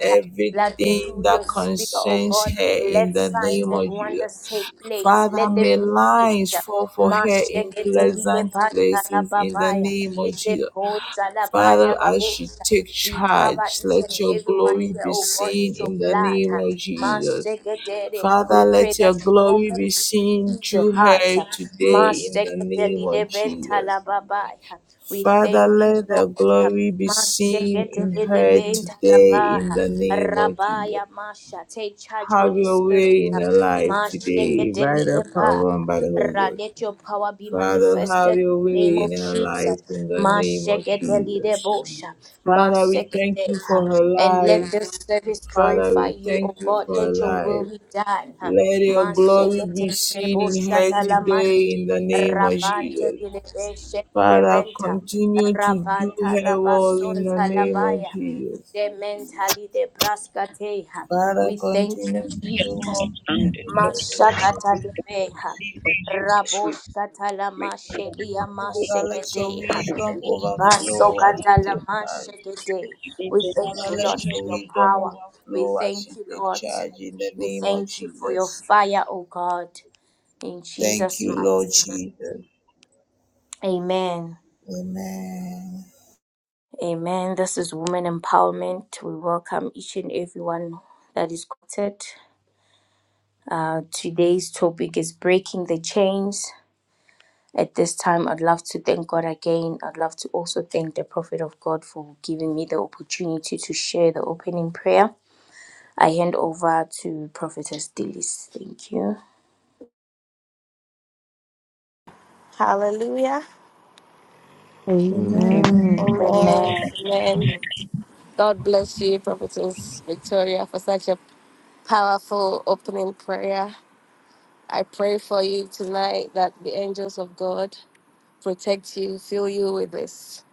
B: That
A: everything
B: through
A: that
B: your speaker, oh
A: concerns
B: God,
A: her in
B: let
A: the
B: signs
A: name
B: and
A: of Jesus.
B: wonders take place.
A: Father,
B: Let
A: may
B: them
A: lines
B: gift.
A: fall for her in
B: Masheke delide
A: pleasant
B: pantala
A: places in the
B: babaya.
A: name of Jesus.
B: Jeko
A: Father,
B: salabaya
A: as she
B: babusa.
A: takes
B: We cover
A: charge,
B: each and
A: let your
B: everyone
A: glory
B: here,
A: be
B: oh God,
A: seen
B: with your
A: in the name
B: blood.
A: of Jesus.
B: Masheke dede. We
A: Father,
B: pray
A: let your
B: that you
A: glory
B: open
A: be
B: to
A: seen
B: receive the
A: through her
B: heart.
A: today in the
B: Masheke
A: name of
B: delide
A: Jesus.
B: bentala babaya. We
A: Father,
B: thank you,
A: let the
B: Lord.
A: glory be seen
B: Masheke
A: in
B: delide
A: her
B: bentala
A: today in
B: baha.
A: the name of Jesus.
B: Rabaya masha. Take charge,
A: Have
B: Holy
A: your
B: Spirit.
A: way in her life
B: Masheke
A: today by the
B: delide
A: power and by the Holy
B: Ra,
A: Ghost.
B: let your power be
A: Father, have
B: manifested
A: your
B: in the name
A: way
B: of
A: in her
B: Jesus.
A: life in the name of Jesus.
B: Mashekedelidebosha,
A: Father, we thank you
B: masekedeha.
A: for her
B: And let
A: life.
B: this service
A: Father,
B: glorify
A: we
B: you, O
A: thank you
B: God.
A: for her
B: Let your will
A: life.
B: be done. ha.
A: Let your glory be seen in
B: Masekedelidebosha
A: her today
B: talamante.
A: in the name of
B: Rabante
A: Jesus.
B: dilebeshe
A: Father,
B: dilebenta.
A: continue to do
B: Rabanta
A: her well in the
B: rabasonta
A: name of
B: labaya.
A: Jesus.
B: Dementali debraskateha.
A: Father,
B: We thank you,
A: continue to do
B: Jesus.
A: more for
C: and the
A: her in
C: Lord,
A: the name of Jesus.
C: we thank you,
B: Mashakatalebeha.
C: we thank you, this week,
B: Raboshkatala
C: we thank you,
B: mashelia
C: we do you, we
A: Father, let your
C: thank
B: mashekedeha.
A: wisdom
C: you,
A: overflow as
C: we
A: you
B: Libasokatala
A: take charge.
B: mashekede. We thank
A: Father,
B: you, Lord,
C: thank
A: let
B: for
A: your
B: your
C: you,
A: wisdom
B: power. We
A: overflow as
B: thank
A: you
B: you,
A: take
B: Lord.
A: charge in the
B: We
A: name of
B: thank you for your
A: Jesus.
B: fire, O God. In
A: Thank
B: Jesus'
A: you, Lord
B: mighty name.
A: Jesus.
B: Amen.
A: Amen.
B: Amen. This is Women Empowerment. We welcome each and everyone that is quoted. Uh, today's topic is breaking the chains At this time, I'd love to thank God again. I'd love to also thank the Prophet of God for giving me the opportunity to share the opening prayer. I hand over to Prophetess Dillis. Thank you.
E: Hallelujah.
C: in the
D: Amen.
E: Amen.
B: Amen.
E: Amen. God bless you, Prophetess Victoria, for such a powerful opening prayer. I pray for you tonight that the angels of God protect you, fill you with His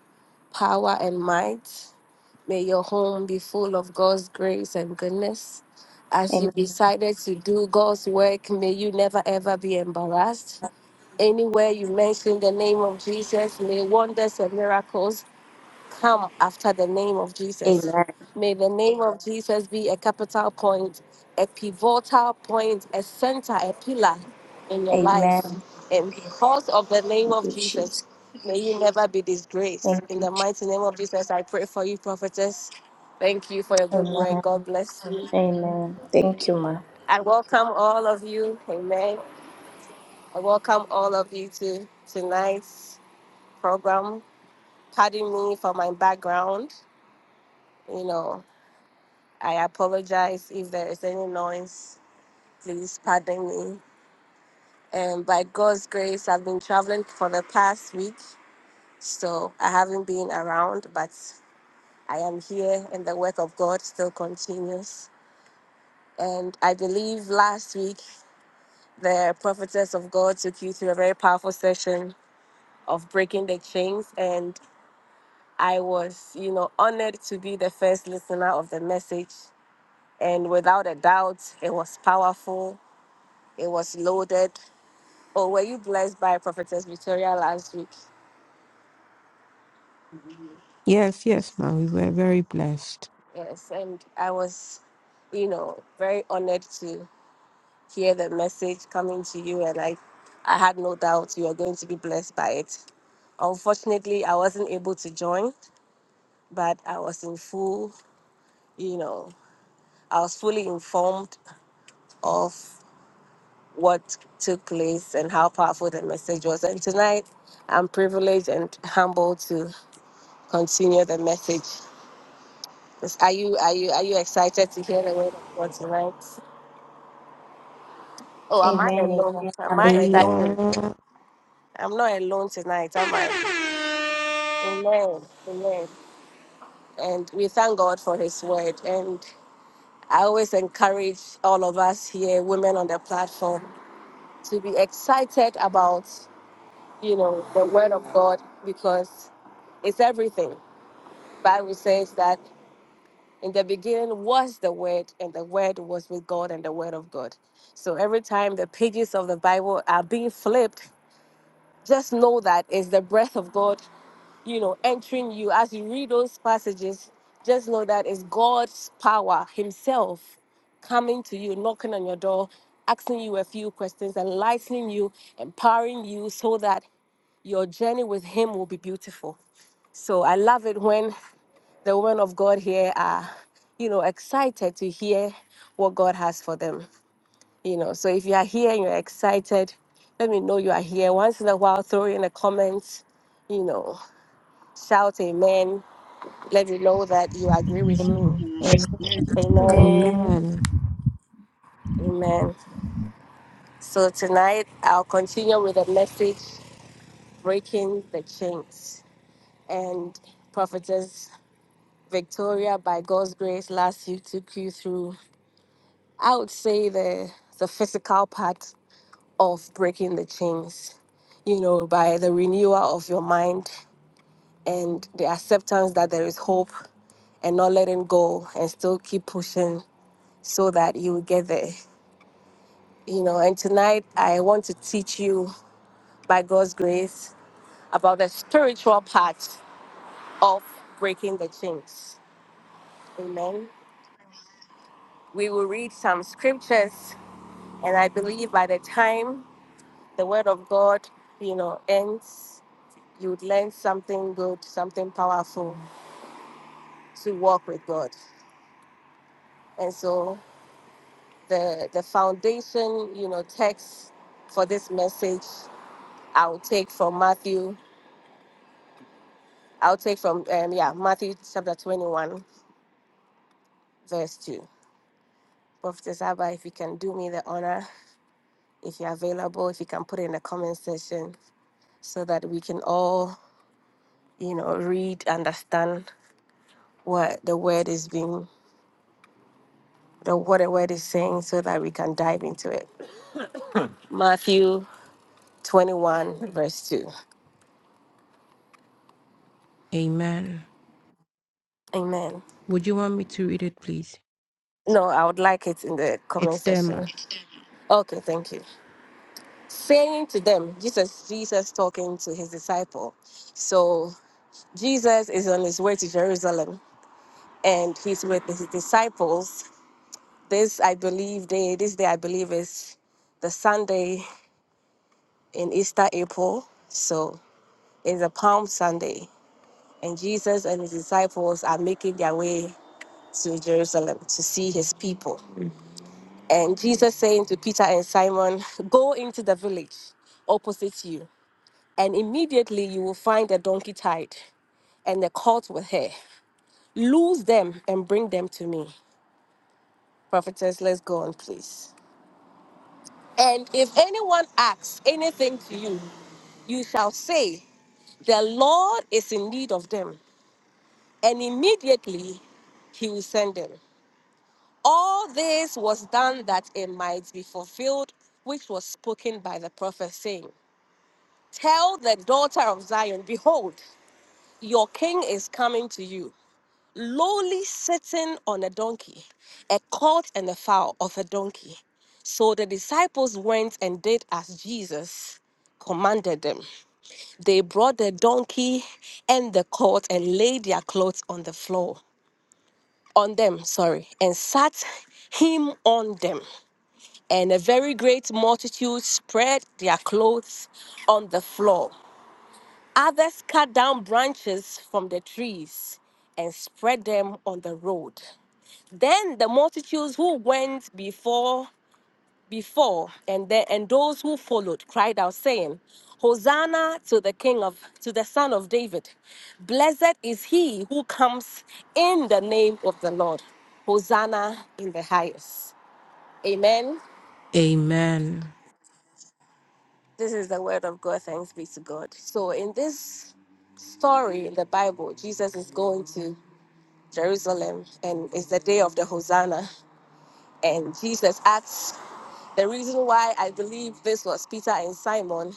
E: power and might. May your home be full of God's grace and goodness. As you decided to do God's work, may you never ever be embarrassed. Anywhere you mention the name of Jesus, may wonders and miracles come after the name of Jesus.
B: Amen.
E: May the name of Jesus be a capital point, a pivotal point, a center, a pillar in your life.
B: Amen. Amen.
E: And because of the name
B: Thank you,
E: of
B: Jesus.
E: Jesus, may you never be
B: Thank
E: disgraced. In
B: you.
E: the
B: Jesus.
E: mighty name of Jesus, I pray for you, prophetess. Thank you for your good work. God
B: Amen.
E: bless you.
B: Amen. Thank you, ma.
E: I welcome all of you. Amen. I welcome all of you to tonight's program. Pardon me for my background. You know, I apologize if there is any noise. Please pardon me. And by God's grace, I've been traveling for the past week, so I haven't been around, but I am here and the work of God still continues. And I believe last week, the prophetess of God took you through a very powerful session of breaking the chains. And I was, you know, honored to be the first listener of the message. And without a doubt, it was powerful, it was loaded, Oh, were you blessed by Prophetess Victoria last week?
D: Yes, yes, ma'am. We were very blessed.
E: Yes, and I was, you know, very honored to hear the message coming to you, and I, I had no doubt you were going to be blessed by it. Unfortunately, I wasn't able to join, but I was in full, you know, I was fully informed of what took place and how powerful the message was. And tonight, I'm privileged and humbled to continue the message. Are you are you are you excited to hear the word of God tonight? Oh, am I
B: Amen.
E: alone?
B: Amen.
E: Am
B: I'm
E: I
B: excited.
E: alone?
D: Amen.
E: I'm not alone tonight, am I? Amen. Amen. And we thank God for his word. And I always encourage all of us here, women on the platform, to be excited about, you know, the word of God because it's everything. Bible says that In the beginning was the Word, and the Word was with God, and the Word of God. So every time the pages of the Bible are being flipped, just know that it's the breath of God, you know, entering you. As you read those passages, just know that it's God's power Himself coming to you, knocking on your door, asking you a few questions, enlightening you, empowering you so that your journey with Him will be beautiful. So I love it when the women of God here are, you know, excited to hear what God has for them. You know, so if you are here and you're excited, let me know you are here. Once in a while, throw in the comments, you know, shout amen. Let me know that you agree with
B: Amen.
E: me.
B: Amen.
C: Amen.
E: Amen.
D: Amen.
E: Amen. So tonight I'll continue with a message breaking the chains. And Prophetess Victoria, by God's grace, last you took you through, I would say the the physical part of breaking the chains, you know, by the renewal of your mind and the acceptance that there is hope and not letting go and still keep pushing so that you will get there, you know. And tonight, I want to teach you by God's grace about the spiritual part of breaking the chains. Amen. We will read some scriptures, and I believe by the time the word of God, you know, ends, you would learn something good, something powerful. to walk with God. And so the the foundation, you know, text for this message, I'll take from Matthew. I'll take from um, yeah Matthew chapter twenty one verse two. Prophetess Abba, if you can do me the honor, if you're available, if you can put it in the comment section, so that we can all you know read, understand what the word is being, the what the word is saying, so that we can dive into it. Matthew twenty one verse two.
D: Amen.
E: Amen.
D: Would you want me to read it, please?
E: No, I would like it in the comment
D: It's there, ma.
E: section. Okay, thank you. Saying to them, Jesus, Jesus talking to his disciple. So Jesus is on his way to Jerusalem and he's with his disciples. This I believe day, this day I believe is the Sunday in Easter April. So it's a Palm Sunday. And Jesus and his disciples are making their way to Jerusalem to see his people. And Jesus saying to Peter and Simon, Go into the village opposite you, and immediately you will find a donkey tied and a colt with her. Loose them and bring them to me. Prophetess, let's go on, please. And if anyone asks anything to you, you shall say, The Lord is in need of them. And immediately he will send them. All this was done that it might be fulfilled, which was spoken by the prophet, saying, Tell the daughter of Zion, behold, your king is coming to you, lowly sitting on a donkey, a colt and a fowl of a donkey. So the disciples went and did as Jesus commanded them. They brought the donkey and the colt and laid their clothes on the floor, on them, sorry, and sat him on them. And a very great multitude spread their clothes on the floor. Others cut down branches from the trees and spread them on the road. Then the multitudes who went before before and then and those who followed cried out saying, Hosanna to the king of to the son of David. Blessed is he who comes in the name of the Lord. Hosanna in the highest. Amen.
D: Amen.
E: This is the word of God. Thanks be to God. So in this story in the Bible, Jesus is going to Jerusalem, and it's the day of the Hosanna. And Jesus asks the reason why I believe this was Peter and Simon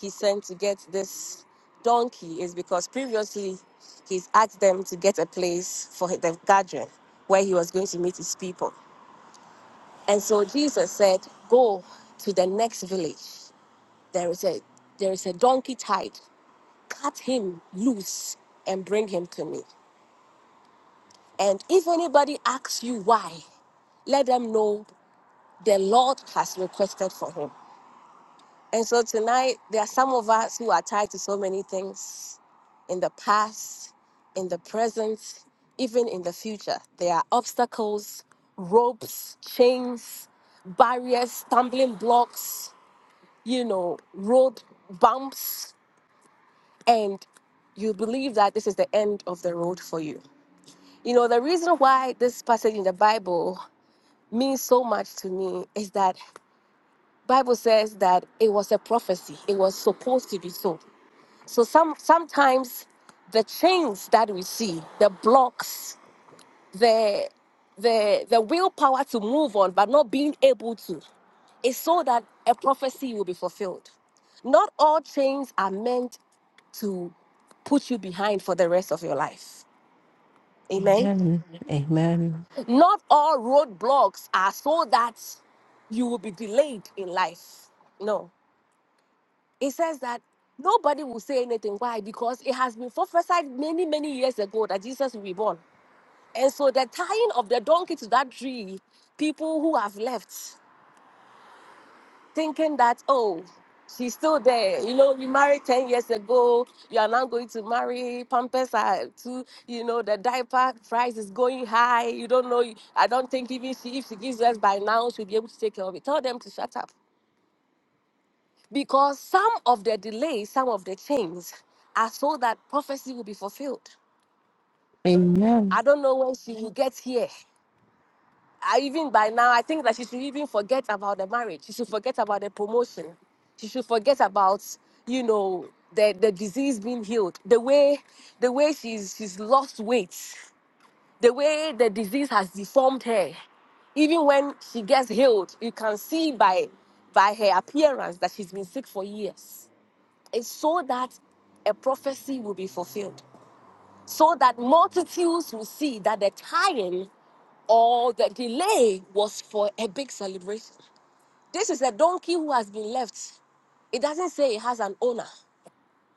E: he sent to get this donkey is because previously he's asked them to get a place for the gathering where he was going to meet his people. And so Jesus said, Go to the next village. There is a there is a donkey tied. Cut him loose and bring him to me. And if anybody asks you why, let them know the Lord has requested for him. And so tonight, there are some of us who are tied to so many things in the past, in the present, even in the future. There are obstacles, ropes, chains, barriers, stumbling blocks, you know, road bumps, and you believe that this is the end of the road for you. You know, the reason why this passage in the Bible means so much to me is that Bible says that it was a prophecy. It was supposed to be so. So some sometimes the chains that we see, the blocks, the the the willpower to move on but not being able to, is so that a prophecy will be fulfilled. Not all chains are meant to put you behind for the rest of your life. Amen.
D: Amen. Amen.
E: Not all roadblocks are so that you will be delayed in life. No it says that nobody will say anything. Why? Because it has been prophesied many, many years ago that Jesus will be born. And so the tying of the donkey to that tree, people who have left, thinking that, oh, she's still there. You know, you married 10 years ago, you are now going to marry, pampers are too, you know, the diaper price is going high. You don't know, I don't think even she, if she gives us by now, she'll be able to take care of it. Tell them to shut up. Because some of the delays, some of the chains are so that prophecy will be fulfilled. I
D: Amen.
E: don't know when she will get here. I, even by now, I think that she should even forget about the marriage. She should forget about the promotion. She should forget about, you know, the, the disease being healed. The way the way she's she's lost weight, the way the disease has deformed her. Even when she gets healed, you can see by by her appearance that she's been sick for years is so that a prophecy will be fulfilled, so that multitudes will see that the time or the delay was for a big celebration. This is a donkey who has been left. It doesn't say it has an owner.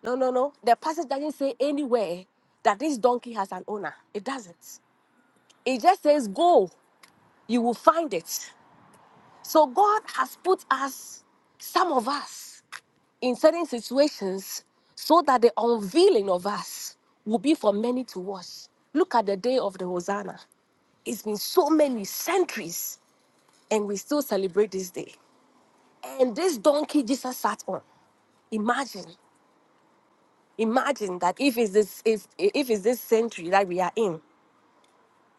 E: No, no, no. The passage doesn't say anywhere that this donkey has an owner. It doesn't. It just says, Go, you will find it. So God has put us, some of us, in certain situations so that the unveiling of us will be for many to watch. Look at the day of the Hosanna. It's been so many centuries, and we still celebrate this day. And this donkey Jesus sat on. Imagine, imagine that if it's this if if it's this century that we are in,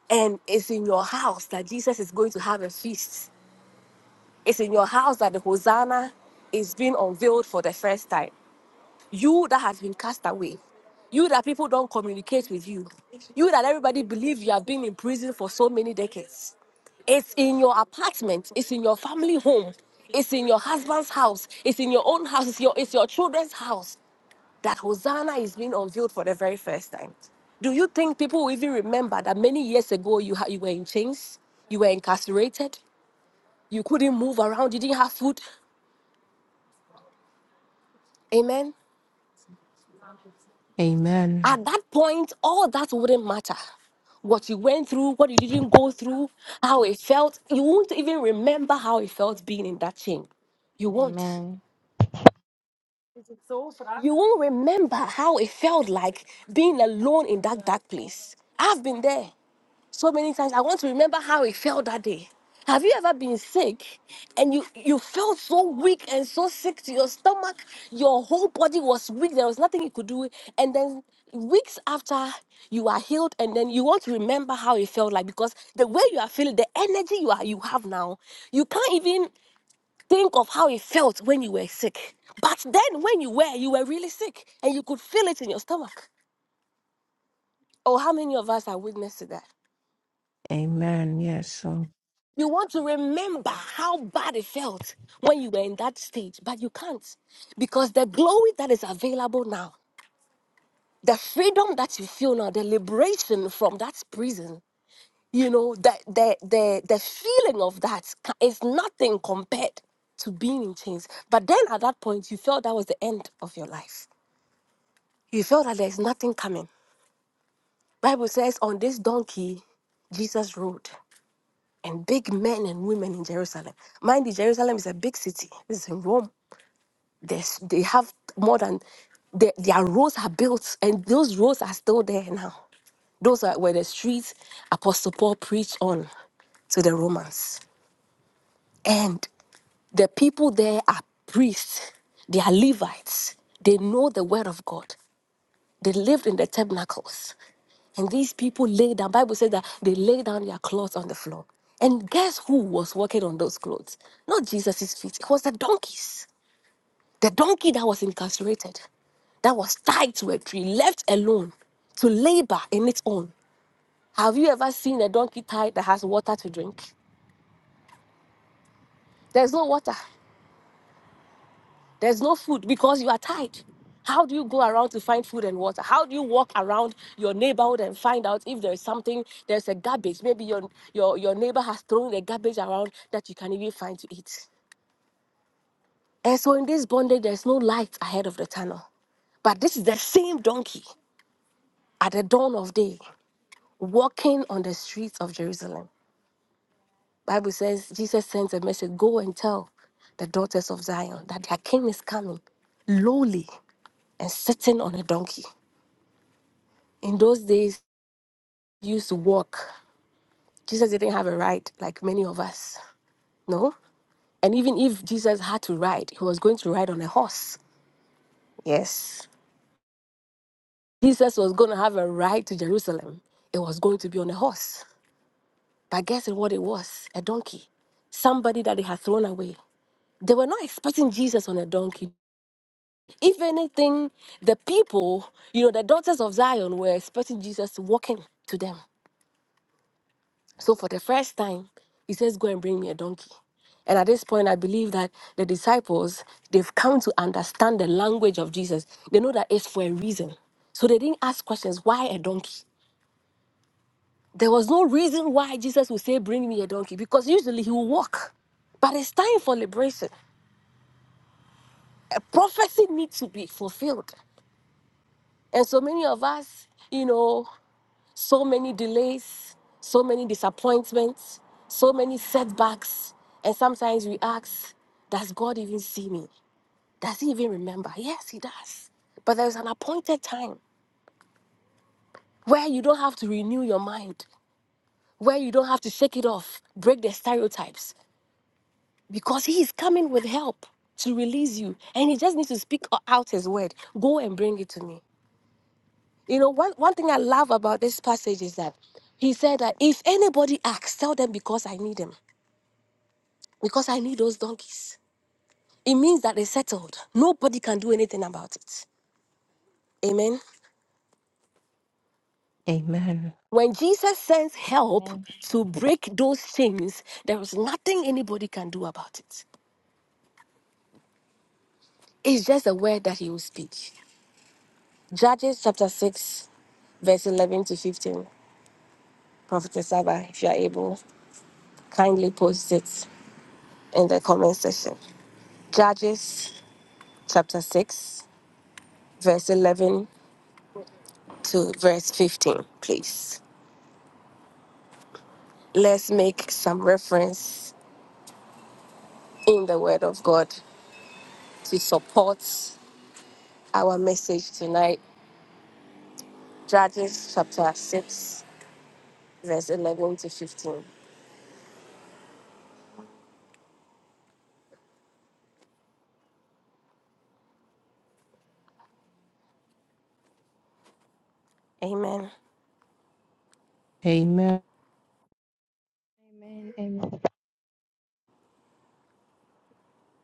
E: and it's in your house that Jesus is going to have a feast. It's in your house that the Hosanna is being unveiled for the first time. You that has been cast away. You that people don't communicate with you. You that everybody believes you have been in prison for so many decades. It's in your apartment, it's in your family home, it's in your husband's house, it's in your own house, it's your, it's your children's house that Hosanna is being unveiled for the very first time. Do you think people will even remember that many years ago you, ha- you were in chains, you were incarcerated, you couldn't move around, you didn't have food? Amen.
D: Amen.
E: At that point, all that wouldn't matter. What you went through, what you didn't go through, how it felt. You won't even remember how it felt being in that chain. You won't.
B: Amen.
E: You won't remember how it felt like being alone in that dark place. I've been there so many times. I want to remember how it felt that day. Have you ever been sick and you you felt so weak and so sick to your stomach? Your whole body was weak. There was nothing you could do. And then weeks after you are healed, and then you want to remember how it felt like because the way you are feeling, the energy you are you have now, you can't even think of how it felt when you were sick. But then when you were, you were really sick and you could feel it in your stomach. Oh, how many of us are witness to that?
D: Amen. Yes. So,
E: You want to remember how bad it felt when you were in that stage, but you can't because the glory that is available now, the freedom that you feel now, the liberation from that prison, you know, the the the, the feeling of that ca- is nothing compared to being in chains. But then at that point, you felt that was the end of your life. You felt that there's nothing coming. Bible says on this donkey, Jesus rode. and big men and women in Jerusalem. Mind you, Jerusalem is a big city. This is in Rome. There's, they have more than their their roads are built, and those roads are still there now. Those are where the streets Apostle Paul preached on to the Romans. And the people there are priests, they are Levites, they know the word of God, they lived in the tabernacles. And these people lay down. Bible says that they lay down their clothes on the floor. And guess who was walking on those clothes? Not Jesus' feet. It was the donkeys. The donkey that was incarcerated, that was tied to a tree, left alone to labor in its own. Have you ever seen a donkey tied that has water to drink? There's no water. There's no food because you are tied. How do you go around to find food and water? How do you walk around your neighborhood and find out if there's something, there's a garbage? Maybe your, your, your neighbor has thrown the garbage around that you can even find to eat. And so in this bondage, there's no light ahead of the tunnel. But this is the same donkey at the dawn of day walking on the streets of Jerusalem. Bible says Jesus sends a message, go and tell the daughters of Zion that their king is coming lowly and sitting on a donkey. In those days, you used to walk. Jesus didn't have a ride like many of us, no? And even if Jesus had to ride, he was going to ride on a horse. Yes. Jesus was going to have a ride to Jerusalem. It was going to be on a horse. But guess what it was? A donkey. Somebody that they had thrown away. They were not expecting Jesus on a donkey. If anything, the people, you know, the daughters of Zion were expecting Jesus walking to them. So for the first time, he says, Go and bring me a donkey. And at this point, I believe that the disciples, they've come to understand the language of Jesus. They know that it's for a reason. So they didn't ask questions why a donkey? There was no reason why Jesus would say, Bring me a donkey, because usually he will walk. But it's time for liberation. A prophecy needs to be fulfilled. And so many of us, you know. so many delays, so many disappointments, so many setbacks. And sometimes we ask, Does God even see me? Does He even remember? Yes, He does. But there's an appointed time where you don't have to renew your mind, where you don't have to shake it off, break the stereotypes, because He is coming with help to release you. And He just needs to speak o- out His word Go and bring it to me. You know, one, one thing I love about this passage is that He said that if anybody asks, tell them because I need them. because I need those donkeys. It means that it's settled. Nobody can do anything about it. Amen.
D: amen.
E: When Jesus sends help
B: Amen.
E: to break those chains, there is nothing anybody can do about it. It's just a word that he will speak. Judges chapter 6, verse 11 to 15. Prophetess Saba, if you are able, kindly post it in the comment section. Judges chapter 6, verse 11 to verse 15, please. Let's make some reference in the Word of God to support our message tonight. Judges chapter 6, verse 11 to 15. Amen.
D: Amen.
B: Amen. Amen.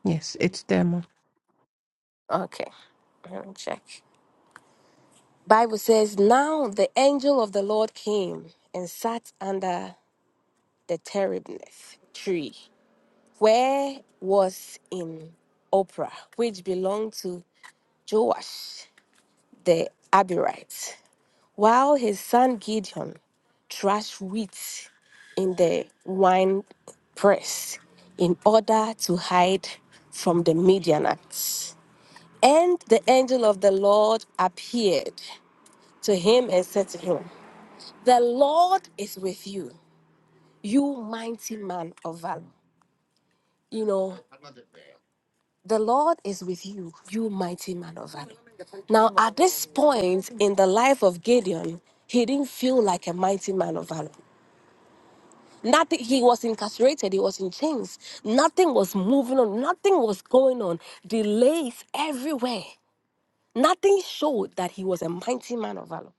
D: Yes, it's them.
E: Okay, let me check. Bible says, Now the angel of the Lord came and sat under the terebinth tree, where was in Oprah, which belonged to Joash the Abirite. while his son Gideon thrashed wheat in the wine press in order to hide from the Midianites. And the angel of the Lord appeared to him and said to him, The Lord is with you, you mighty man of valor. You know, the Lord is with you, you mighty man of valor. Now, at this point in the life of Gideon, he didn't feel like a mighty man of valor. Nothing, he was incarcerated, he was in chains. Nothing was moving on, nothing was going on. Delays everywhere. Nothing showed that he was a mighty man of valor.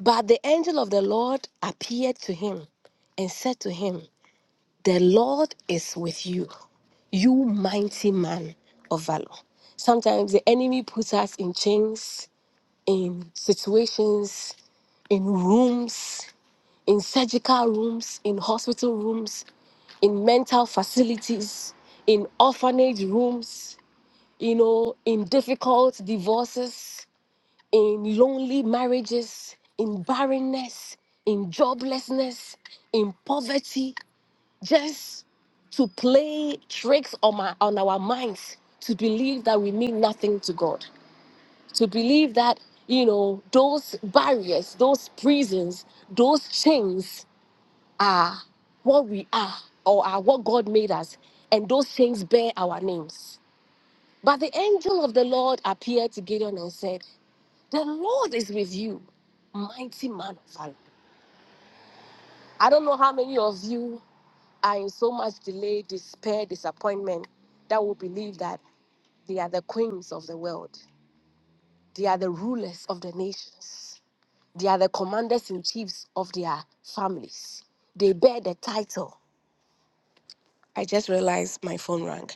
E: But the angel of the Lord appeared to him and said to him, The Lord is with you, you mighty man of valor. Sometimes the enemy puts us in chains, in situations, in rooms, in surgical rooms, in hospital rooms, in mental facilities, in orphanage rooms, you know, in difficult divorces, in lonely marriages, in barrenness, in joblessness, in poverty, just to play tricks on, my, on our minds to believe that we mean nothing to God, to believe that, you know, those barriers, those prisons, those chains, are, what we are, or are what God made us, and those things bear our names. But the angel of the Lord appeared to Gideon and said, The Lord is with you, mighty man of valor. I don't know how many of you are in so much delay, despair, disappointment that will believe that they are the queens of the world, they are the rulers of the nations, they are the commanders in chiefs of their families, they bear the title I just realized my phone rang.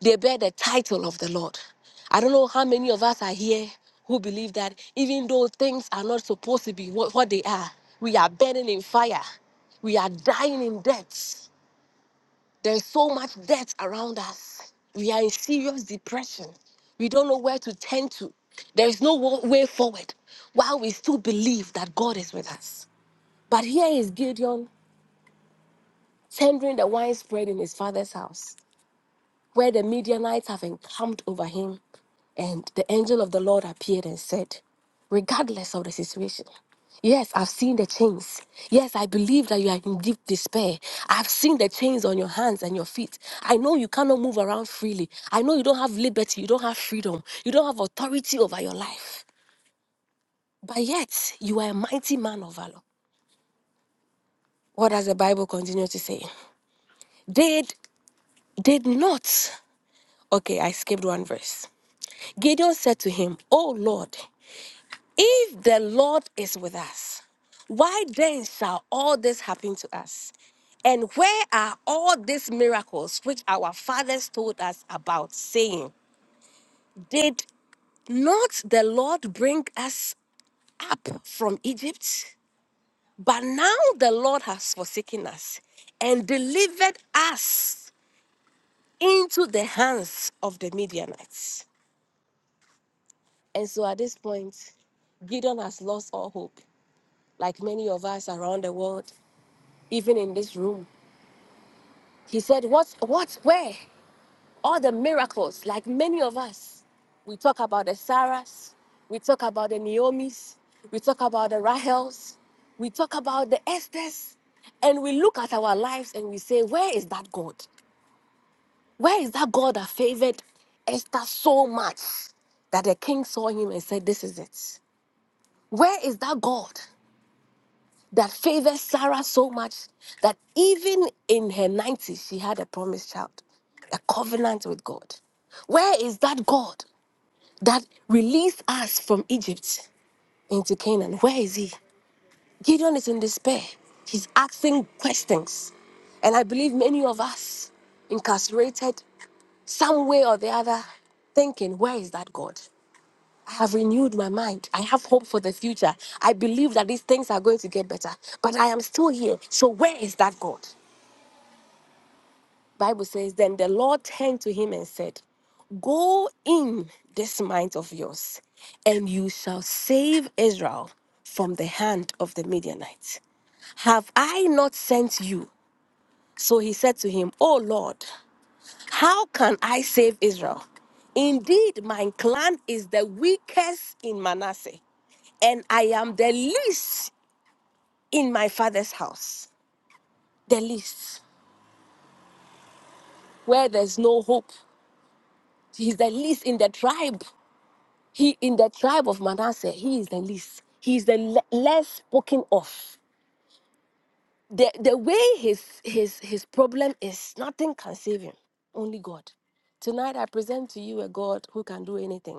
E: They bear the title of the Lord. I don't know how many of us are here who believe that even though things are not supposed to be what, what they are, we are burning in fire. We are dying in debt. There's so much debt around us. We are in serious depression. We don't know where to turn to. There is no wa- way forward while we still believe that God is with us. But here is Gideon tendering the wine spread in his father's house. where the Midianites have encamped over him. And the angel of the Lord appeared and said, Regardless of the situation, yes, I've seen the chains. Yes, I believe that you are in deep despair. I've seen the chains on your hands and your feet. I know you cannot move around freely. I know you don't have liberty. You don't have freedom. You don't have authority over your life. But yet, you are a mighty man of valor. What does the Bible continue to say? Did did not. Okay, I skipped one verse. Gideon said to him, "O Lord." If the Lord is with us, why then shall all this happen to us? And where are all these miracles which our fathers told us about, saying, Did not the Lord bring us up from Egypt? But now the Lord has forsaken us and delivered us into the hands of the Midianites. And so at this point, Gideon has lost all hope, like many of us around the world. even in this room. He said, What, what, where? All the miracles, like many of us. We talk about the Sarahs, we talk about the Naomi's, we talk about the Rahels, we talk about the Esthers, and we look at our lives and we say, Where is that God? Where is that God that favored Esther so much that the king saw him and said, This is it? Where is that God that favored Sarah so much that even in her 90s, she had a promised child, a covenant with God. Where is that God that released us from Egypt into Canaan? Where is he? Gideon is in despair. He's asking questions. And I believe many of us incarcerated some way or the other, thinking, where is that God? I have renewed my mind. I have hope for the future. I believe that these things are going to get better. But I am still here. So where is that God? Bible says, Then the Lord turned to him and said, Go in this mind of yours, and you shall save Israel from the hand of the Midianites. Have I not sent you? So he said to him, O Lord, how can I save Israel? Indeed, my clan is the weakest in Manasseh, and I am the least in my father's house. The least. Where there's no hope. He's the least in the tribe. He in the tribe of Manasseh, he is the least. He is the le- less spoken of. The, the way his, his, his problem is, nothing can save him, only God. Tonight, I present to you a God who can do anything.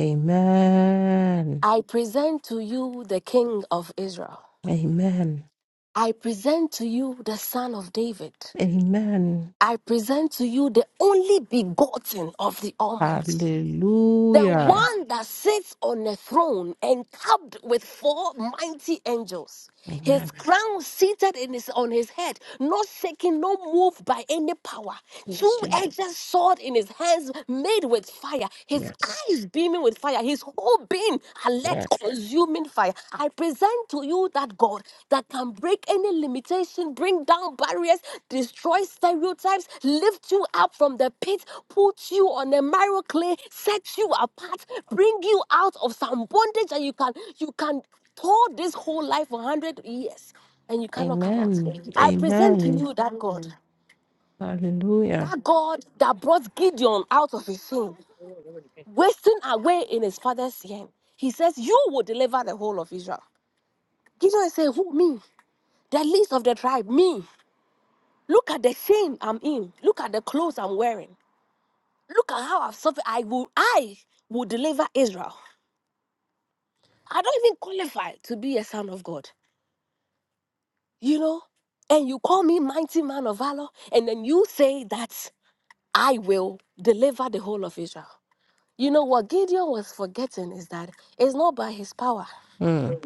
D: Amen.
E: I present to you the King of Israel.
D: Amen.
E: I present to you the Son of David.
D: Amen.
E: I present to you the only begotten of the Almighty, the
D: Hallelujah.
E: one that sits on a throne encapped with four mighty angels, his
D: Amen.
E: crown seated in his, on his head, not shaken, not moved by any power,
D: Yes,
E: two
D: Lord.
E: edged sword in his hands, made with fire, his
D: Yes.
E: eyes beaming with fire, his whole being alert,
D: Yes.
E: consuming fire. I present to you that God that can break any limitation, bring down barriers, destroy stereotypes, lift you up from the pit, put you on a marrow clay, set you apart, bring you out of some bondage that you can you can hold this whole life for hundred years and you cannot come out.
D: Amen.
E: I present to
D: Amen.
E: you that God,
D: Hallelujah.
E: that God that brought Gideon out of his sin, wasting away in his father's hand. He says, You will deliver the whole of Israel. Gideon said, Who me? The least of the tribe, me. Look at the shame I'm in. Look at the clothes I'm wearing. Look at how I've suffered. I will, I will deliver Israel. I don't even qualify to be a son of God. You know? And you call me mighty man of valor, and then you say that I will deliver the whole of Israel. You know what Gideon was forgetting is that it's not by his power.
D: Mm.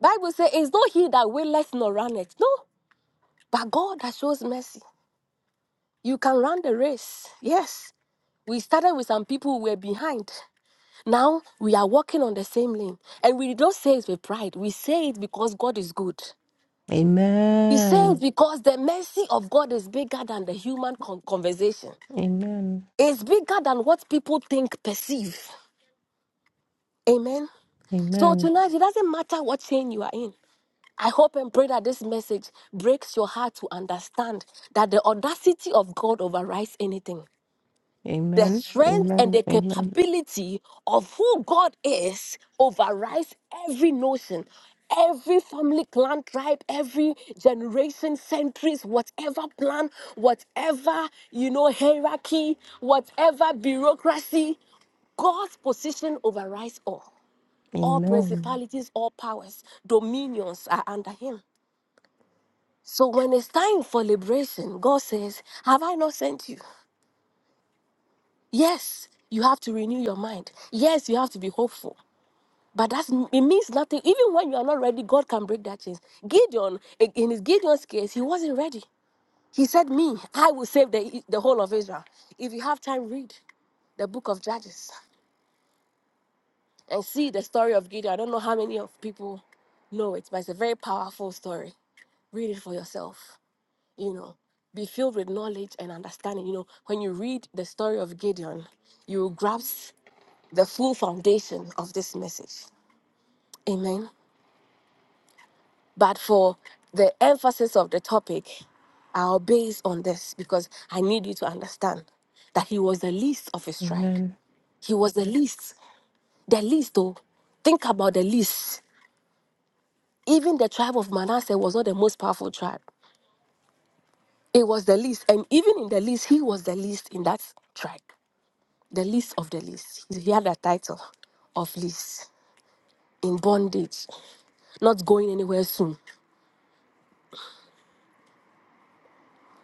E: Bible says it's not he that willeth nor runneth. No, but God that shows mercy. You can run the race, yes. We started with some people who were behind. Now we are walking on the same lane. And we don't say it with pride. We say it because God is good. We say it
D: Amen.
E: because the mercy of God is bigger than the human con- conversation.
D: Amen.
E: It's bigger than what people think, perceive. Amen. So
D: Amen.
E: tonight, it doesn't matter what chain you are in. I hope and pray that this message breaks your heart to understand that the audacity of God overrides anything. the
D: Amen. Amen.
E: strength and the
D: Amen.
E: capability of who God is overrides every notion, every family, clan, tribe, every generation, centuries, whatever plan, whatever, you know, hierarchy, whatever bureaucracy. God's position overrides all. All
D: Amen.
E: principalities, all powers, dominions are under him. So when it's time for liberation, God says, Have I not sent you? Yes, you have to renew your mind. Yes, you have to be hopeful. But that's it means nothing. Even when you are not ready, God can break that chains. Gideon, in in his Gideon's case, he wasn't ready. He said, "Me, I will save the the whole of Israel." If you have time, read the book of Judges and see the story of Gideon. I don't know how many of people know it, but it's a very powerful story. Read it for yourself. You know, be filled with knowledge and understanding. You know, when you read the story of Gideon, you grasp the full foundation of this message. Amen. But for the emphasis of the topic, I'll base on this because I need you to understand that he was the least of his tribe.
D: Amen.
E: He was the least, the least though. Think about the least. Even the tribe of Manasseh was not the most powerful tribe. It was the least. And even in the least, he was the least in that tribe. The least of the least. He had a title of least in bondage, not going anywhere soon.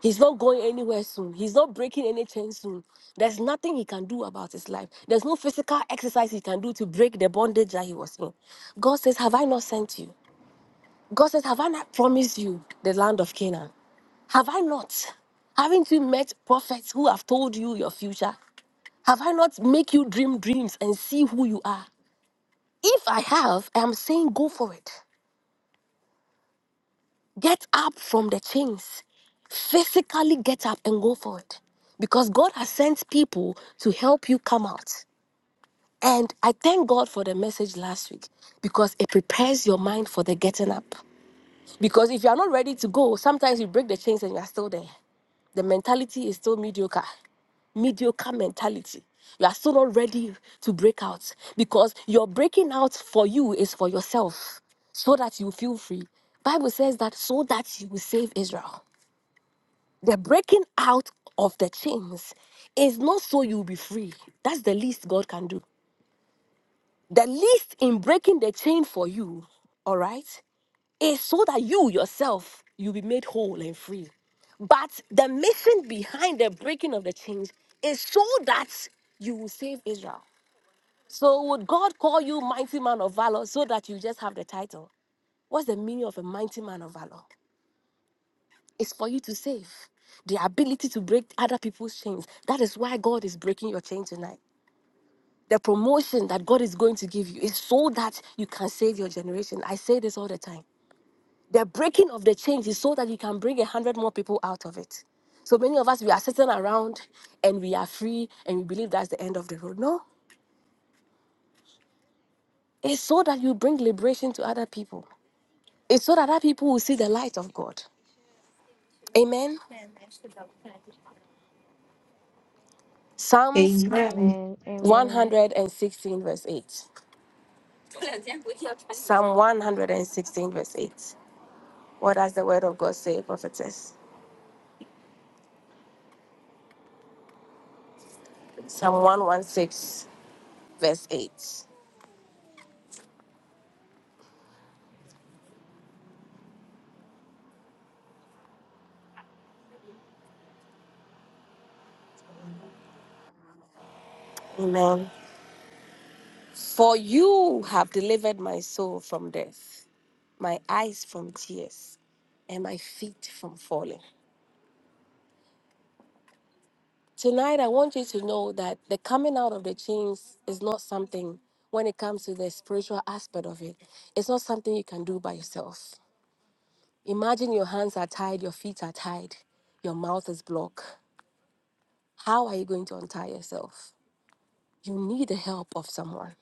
E: He's not going anywhere soon. He's not breaking any chain soon. There's nothing he can do about his life. There's no physical exercise he can do to break the bondage that he was in. God says, Have I not sent you? God says, Have I not promised you the land of Canaan? Have I not? Haven't you met prophets who have told you your future? Have I not make you dream dreams and see who you are? If I have, I am saying go for it. Get up from the chains. Physically get up and go for it. Because God has sent people to help you come out. And I thank God for the message last week because it prepares your mind for the getting up. Because if you are not ready to go, sometimes you break the chains and you are still there. The mentality is still mediocre, mediocre mentality. You are still not ready to break out because your breaking out for you is for yourself so that you feel free. Bible says that so that you will save Israel. The breaking out of the chains is not so you'll be free. That's the least God can do. The least in breaking the chain for you, all right, is so that you yourself you'll be made whole and free. But the mission behind the breaking of the chains is so that you will save Israel. So would God call you mighty man of valor so that you just have the title? What's the meaning of a mighty man of valor? is for you to save. The ability to break other people's chains. That is why God is breaking your chain tonight. The promotion that God is going to give you is so that you can save your generation. I say this all the time. The breaking of the chains is so that you can bring a hundred more people out of it. So many of us, we are sitting around and we are free and we believe that's the end of the road. No, it's so that you bring liberation to other people. It's so that other people will see the light of God. Amen. Psalms
D: Amen.
B: Amen. Amen.
E: 116, verse 8. Psalm 116, verse 8. What does the word of God say, prophetess? Psalm 116, verse 8. Amen. For you have delivered my soul from death, my eyes from tears, and my feet from falling. Tonight, I want you to know that the coming out of the chains is not something, when it comes to the spiritual aspect of it, it's not something you can do by yourself. Imagine your hands are tied, your feet are tied, your mouth is blocked. How are you going to untie yourself? You need the help of someone.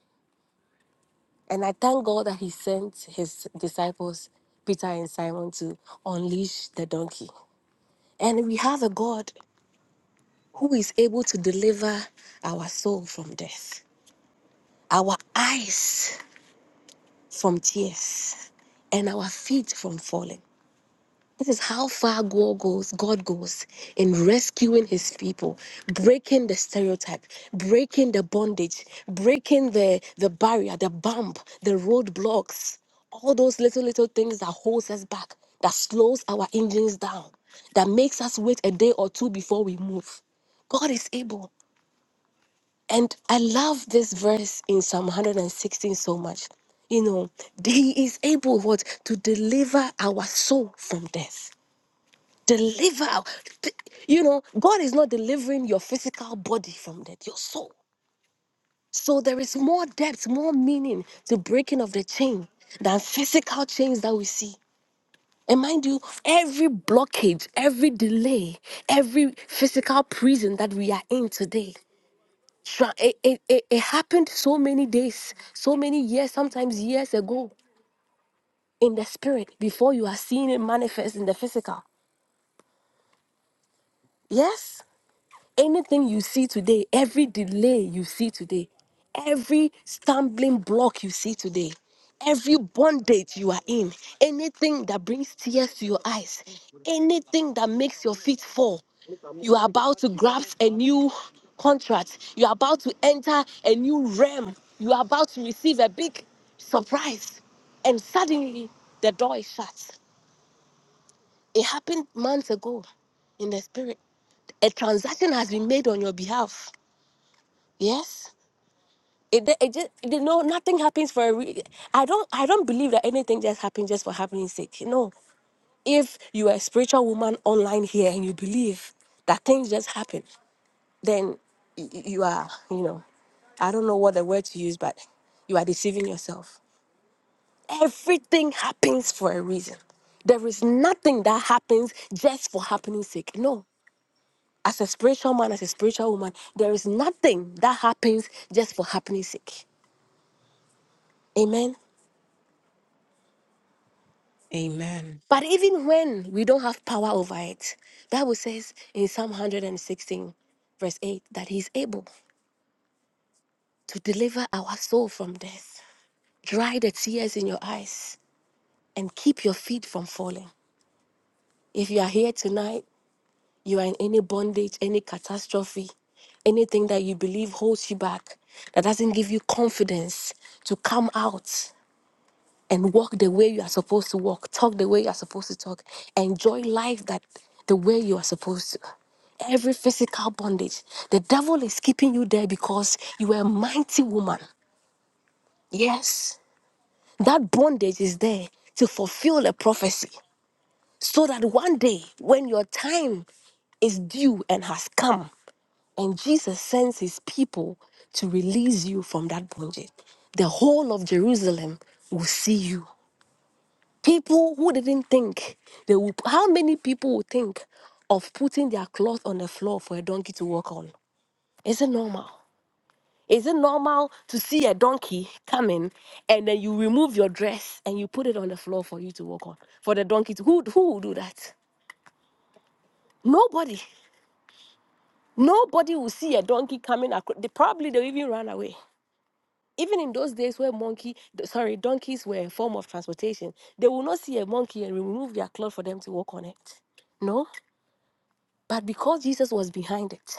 E: And I thank God that He sent His disciples, Peter and Simon, to unleash the donkey. And we have a God who is able to deliver our soul from death, our eyes from tears, and our feet from falling. This is how far God goes, God goes in rescuing his people, breaking the stereotype, breaking the bondage, breaking the, the barrier, the bump, the roadblocks, all those little, little things that holds us back, that slows our engines down, that makes us wait a day or two before we move. God is able. And I love this verse in Psalm 116 so much. You know, he is able what to deliver our soul from death deliver you know god is not delivering your physical body from death your soul so there is more depth more meaning to breaking of the chain than physical chains that we see and mind you every blockage every delay every physical prison that we are in today tra- it, it, it, it happened so many days so many years sometimes years ago in the spirit before you are seeing it manifest in the physical yes Anything you see today, every delay you see today, every stumbling block you see today, every bondage you are in, anything that brings tears to your eyes, anything that makes your feet fall, you are about to grasp a new contract. You are about to enter a new realm. You are about to receive a big surprise. And suddenly, the door is shut. It happened months ago in the spirit. A transaction has been made on your behalf Yes. It, de- it just you know nothing happens for a re- I don't I don't believe that anything just happens just for happening sake. No. If you are a spiritual woman online here and you believe that things just happen, then y- y- you are, you know, I don't know what the word to use, but you are deceiving yourself. Everything happens for a reason. There is nothing that happens just for happening sake. No. As a spiritual man, as a spiritual woman, there is nothing that happens just for happening sake. Amen.
D: Amen.
E: But even when we don't have power over it, Bible says in Psalm 116, verse 8, that He is able to deliver our soul from death, dry the tears in your eyes, and keep your feet from falling. If you are here tonight, you are in any bondage, any catastrophe, anything that you believe holds you back, that doesn't give you confidence to come out and walk the way you are supposed to walk, talk the way you are supposed to talk, enjoy life that the way you are supposed to. Every physical bondage, the devil is keeping you there because you are a mighty woman. Yes, that bondage is there to fulfill a prophecy so that one day when your time is due and has come, and Jesus sends his people to release you from that bondage, the whole of Jerusalem will see you People who didn't think they would. How many people would think of putting their cloth on the floor for a donkey to walk on? Is it normal? Is it normal to see a donkey coming and then you remove your dress and you put it on the floor for you to walk on? For the donkey to who who will do that? Nobody. Nobody will see a donkey coming across. They probably they'll even run away. Even in those days where monkey, th- sorry, donkeys were a form of transportation, they will not see a monkey and remove their cloth for them to walk on it. No, But because Jesus was behind it,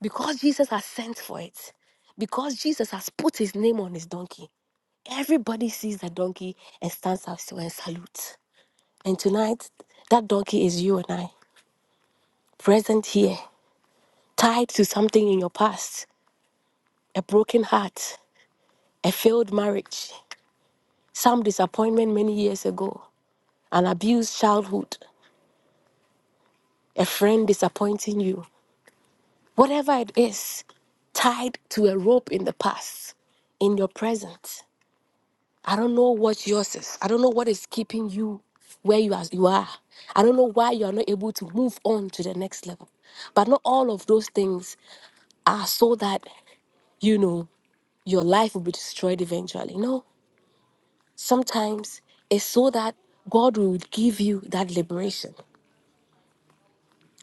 E: because Jesus has sent for it, because Jesus has put his name on his donkey, everybody sees the donkey and stands up to and salutes. And tonight, that donkey is you and I, present here, tied to something in your past, a broken heart, a failed marriage, some disappointment many years ago, an abused childhood, a friend disappointing you, whatever it is, tied to a rope in the past, in your present. I don't know what yours is. I don't know what is keeping you where you are. You are. I don't know why you are not able to move on to the next level. But not all of those things are so that you know your life will be destroyed eventually. No, sometimes it's so that God will give you that liberation.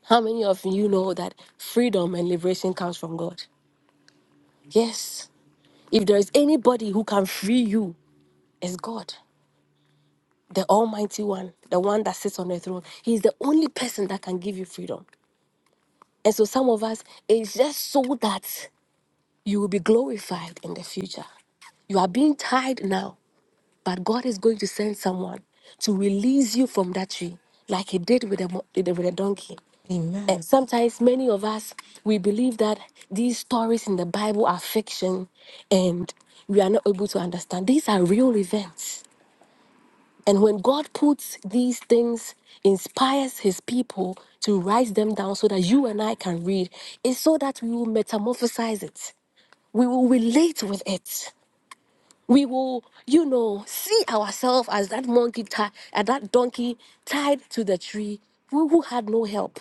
E: How many of you know that freedom and liberation comes from God? Yes. If there is anybody who can free you, it's God. the Almighty One, the one that sits on the throne. He's the only person that can give you freedom. And so, some of us, it's just so that you will be glorified in the future. You are being tied now, but God is going to send someone to release you from that tree, like He did with the, mo- with the with the donkey. And
D: Amen.
E: sometimes, many of us, we believe that these stories in the Bible are fiction and we are not able to understand. These are real events And when God puts these things, inspires his people to write them down so that you and I can read, it's so that we will metamorphosize it. We will relate with it. We will, you know, see ourselves as that monkey, ti- as that donkey tied to the tree, who who had no help,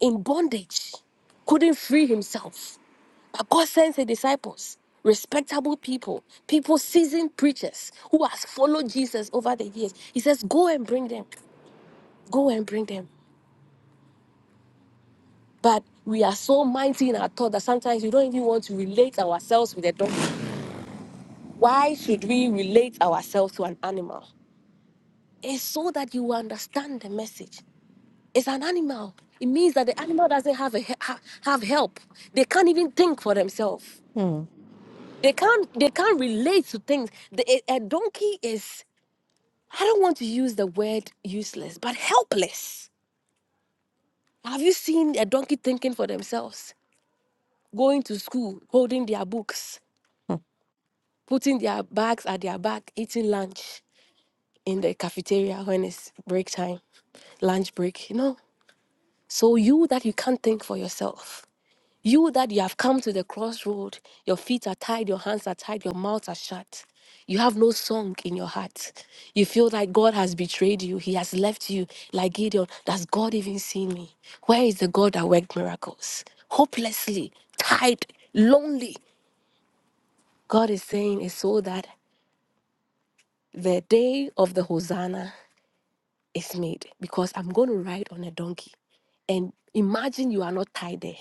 E: in bondage, couldn't free himself. But God sends his disciples, respectable people, people seasoned preachers who has followed Jesus over the years. He says, Go and bring them. Go and bring them. But we are so mighty in our thought that sometimes we don't even want to relate ourselves with a dog. Why should we relate ourselves to an animal? It's so that you understand the message. It's an animal. It means that the animal doesn't have a he- ha- have help. They can't even think for themselves.
D: Mm.
E: They can't they can't relate to things. The, a a donkey is I don't want to use the word useless, but helpless. Have you seen a donkey thinking for themselves? Going to school, holding their books.
D: Mm.
E: putting their bags at their back, eating lunch in the cafeteria when it's break time, lunch break, you know. So you that you can't think for yourself, you that you have come to the crossroad, your feet are tied, your hands are tied, your mouths are shut. You have no song in your heart. You feel like God has betrayed you. He has left you like Gideon. Does God even see me? Where is the God that worked miracles? Hopelessly, tied, lonely. God is saying is so that The day of the Hosanna is made because I'm going to ride on a donkey. And imagine you are not tied there.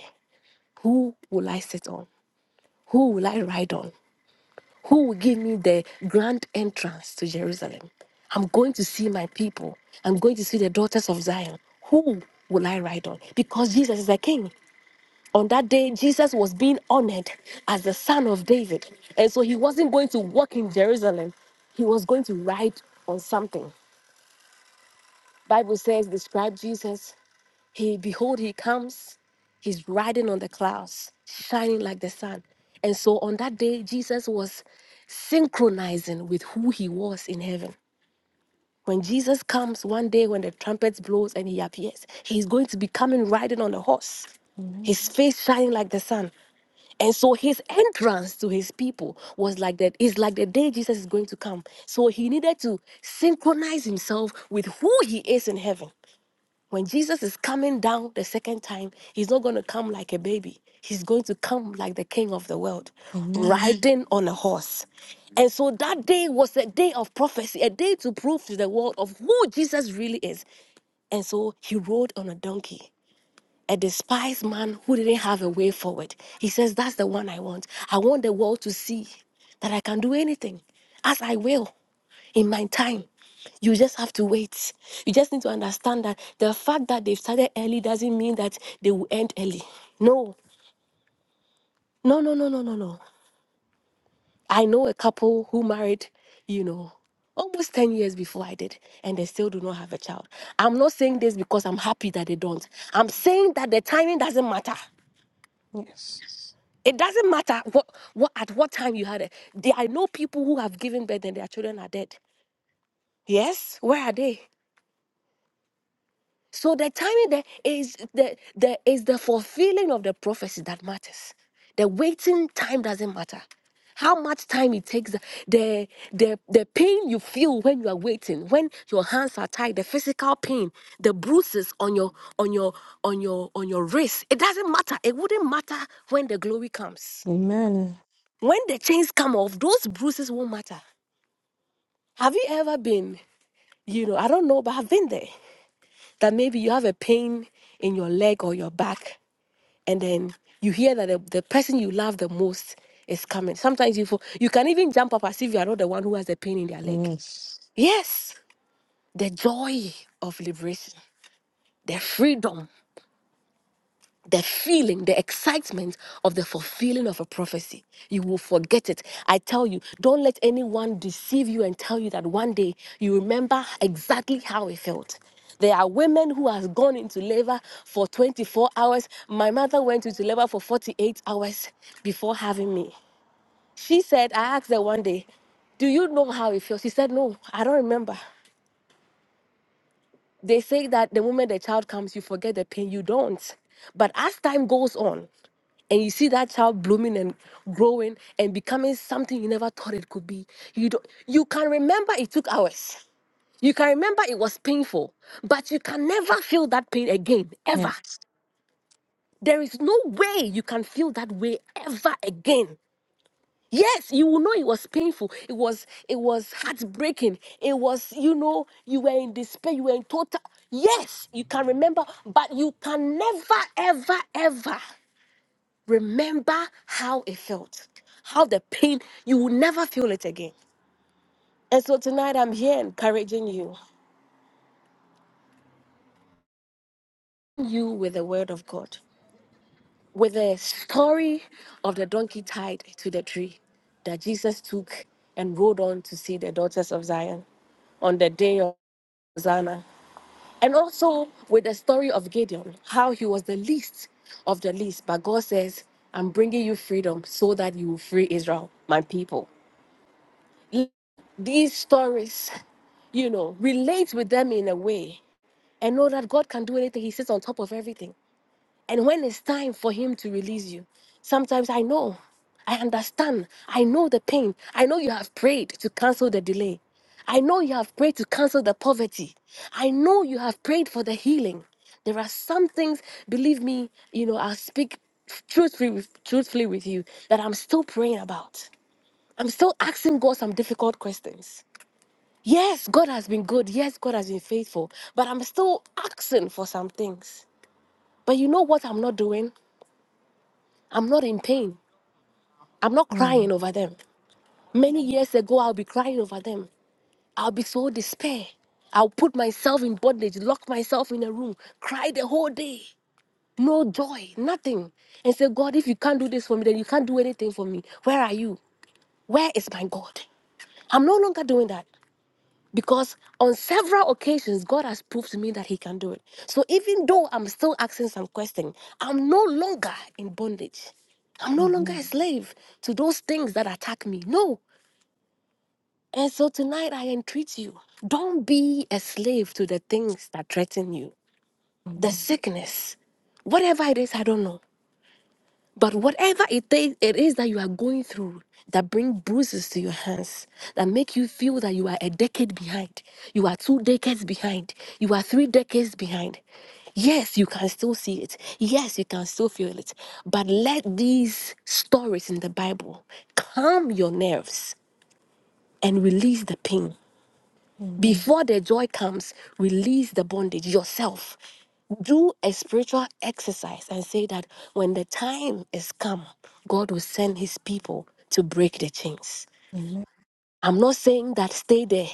E: Who will I sit on? Who will I ride on? Who will give me the grand entrance to Jerusalem? I'm going to see my people. I'm going to see the daughters of Zion. Who will I ride on? Because Jesus is the king. On that day, Jesus was being honored as the son of David. And so he wasn't going to walk in Jerusalem, he was going to ride on something. Bible says, describe Jesus. He behold, he comes. He's riding on the clouds, shining like the sun. And so on that day, Jesus was synchronizing with who he was in heaven. When Jesus comes one day, when the trumpet blows and he appears, he's going to be coming riding on a horse,
D: Amen.
E: his face shining like the sun. And so his entrance to his people was like that. It's like the day Jesus is going to come. So he needed to synchronize himself with who he is in heaven. When Jesus is coming down the second time, he's not going to come like a baby. He's going to come like the king of the world,
D: Amen.
E: riding on a horse. And so that day was a day of prophecy, a day to prove to the world of who Jesus really is. And so he rode on a donkey a despised man who didn't have a way forward. He says, That's the one I want. I want the world to see that I can do anything as I will in my time. You just have to wait. You just need to understand that the fact that they've started early doesn't mean that they will end early. No, no, no, no, no, no, no. I know a couple who married, you know, almost 10 years before I did, and they still do not have a child. I'm not saying this because I'm happy that they don't. I'm saying that the timing doesn't matter.
D: Yes.
E: It doesn't matter what, what at what time you had it. There, I know people who have given birth and their children are dead. Yes, where are they? So the timing there is the the is the fulfilling of the prophecy that matters. The waiting time doesn't matter. How much time it takes, the the the pain you feel when you are waiting, when your hands are tied, the physical pain, the bruises on your on your on your on your wrist. It doesn't matter. It wouldn't matter when the glory comes.
D: Amen.
E: When the chains come off, those bruises won't matter. Have you ever been, you know, I don't know, but I've been there. That maybe you have a pain in your leg or your back and then you hear that the, the person you love the most is coming. Sometimes you fo- you can even jump up as if you are not the one who has the pain in their leg.
D: Yes.
E: Yes, the joy of liberation, the freedom the feeling, the excitement of the fulfilling of a prophecy. You will forget it. I tell you, don't let anyone deceive you and tell you that one day you remember exactly how it felt. There are women who has gone into labor for 24 hours. My mother went into labor for 48 hours before having me. She said, I asked her one day, do you know how it feels? She said, No, I don't remember. They say that the moment the child comes, you forget the pain. You don't. But as time goes on, and you see that child blooming and growing and becoming something you never thought it could be you don't you can remember it took hours you can remember it was painful but you can never feel that pain again ever
D: Yes.
E: there is no way you can feel that way ever again Yes, you will know it was painful. It was it was heartbreaking. It was, you know, you were in despair, you were in total. Yes, you can remember, but you can never, ever, ever remember how it felt. How the pain, you will never feel it again. And so tonight I'm here encouraging you. You with the word of God, with the story of the donkey tied to the tree that Jesus took and rode on to see the daughters of Zion on the day of Hosanna. And also with the story of Gideon, how he was the least of the least, but God says, I'm bringing you freedom so that you will free Israel, my people. Let These stories, you know, relate with them in a way and know that God can do anything. He sits on top of everything. And when it's time for Him to release you, sometimes I know, I understand, I know the pain. I know you have prayed to cancel the delay. I know you have prayed to cancel the poverty. I know you have prayed for the healing. There are some things, believe me, you know, I'll speak truthfully, with- truthfully with you that I'm still praying about. I'm still asking God some difficult questions. Yes, God has been good. Yes, God has been faithful. But I'm still asking for some things. But you know what I'm not doing? I'm not in pain. I'm not
D: Mm.
E: crying over them. Many years ago, I'll be crying over them. I'll be so despair. I'll put myself in bondage, lock myself in a room, cry the whole day. No joy, nothing. And say, God, if you can't do this for me, then you can't do anything for me. Where are you? Where is my God? I'm no longer doing that. because on several occasions god has proved to me that he can do it so even though i'm still asking some question i'm no longer in bondage i'm no longer
D: Amen.
E: a slave to those things that attack me no and so tonight i entreat you don't be a slave to the things that threaten you
D: Mm.
E: the sickness whatever it is i don't know but whatever it is, it is that you are going through that bring bruises to your hands, that make you feel that you are a decade behind, you are two decades behind, you are three decades behind. Yes, you can still see it. Yes, you can still feel it. But let these stories in the Bible calm your nerves and release the pain
D: Amen.
E: before the joy comes, release the bondage yourself. Do a spiritual exercise and say that when the time is come, God will send his people to break the chains.
D: Amen.
E: I'm not saying that stay there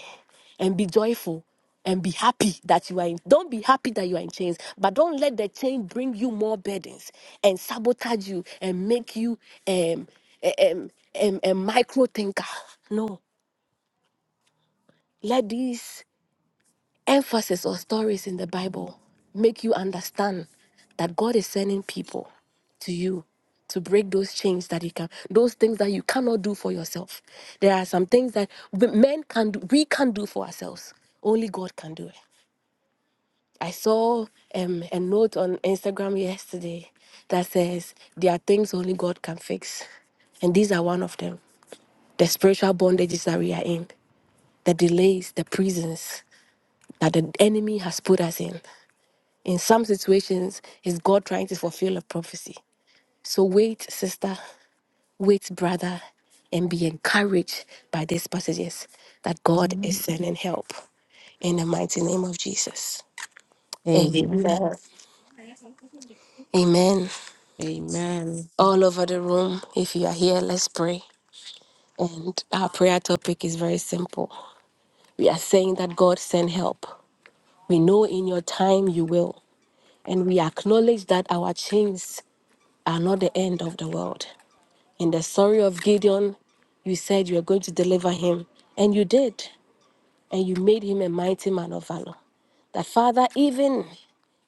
E: and be joyful and be happy that you are in don't be happy that you are in chains but don't let the chain bring you more burdens and sabotage you and make you um um um, um, a micro thinker no let these emphasis or stories in the Bible make you understand that God is sending people to you to break those chains that you can, those things that you cannot do for yourself. There are some things that we- men can do, we can do for ourselves. Only God can do it. I saw um, a note on Instagram yesterday that says there are things only God can fix. And these are one of them. The spiritual bondages that we are in, the delays, the prisons that the enemy has put us in. In some situations, is God trying to fulfill a prophecy. So wait, sister, wait, brother, and be encouraged by these passages that God is sending help in the mighty name of Jesus. Amen.
D: Amen. Amen.
E: Amen.
D: Amen.
E: All over the room, if you are here, let's pray. And our prayer topic is very simple. We are saying that God send help. We know in your time you will. And we acknowledge that our chains are not the end of the world. In the story of Gideon, you said you were going to deliver him, and you did, and you made him a mighty man of valor. That Father, even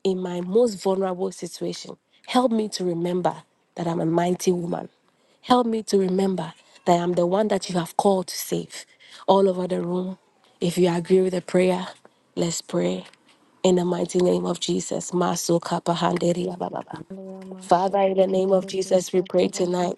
E: in my most vulnerable situation, help me to remember that I'm a mighty woman. Help me to remember that I'm the one that you have called to save. All over the room, if you agree with the prayer, let's pray. In the mighty name of Jesus. Maso kapa handere ya Father, in the name of
B: Liyamashekelebu
E: Jesus, we pray
B: Shadakaba
E: tonight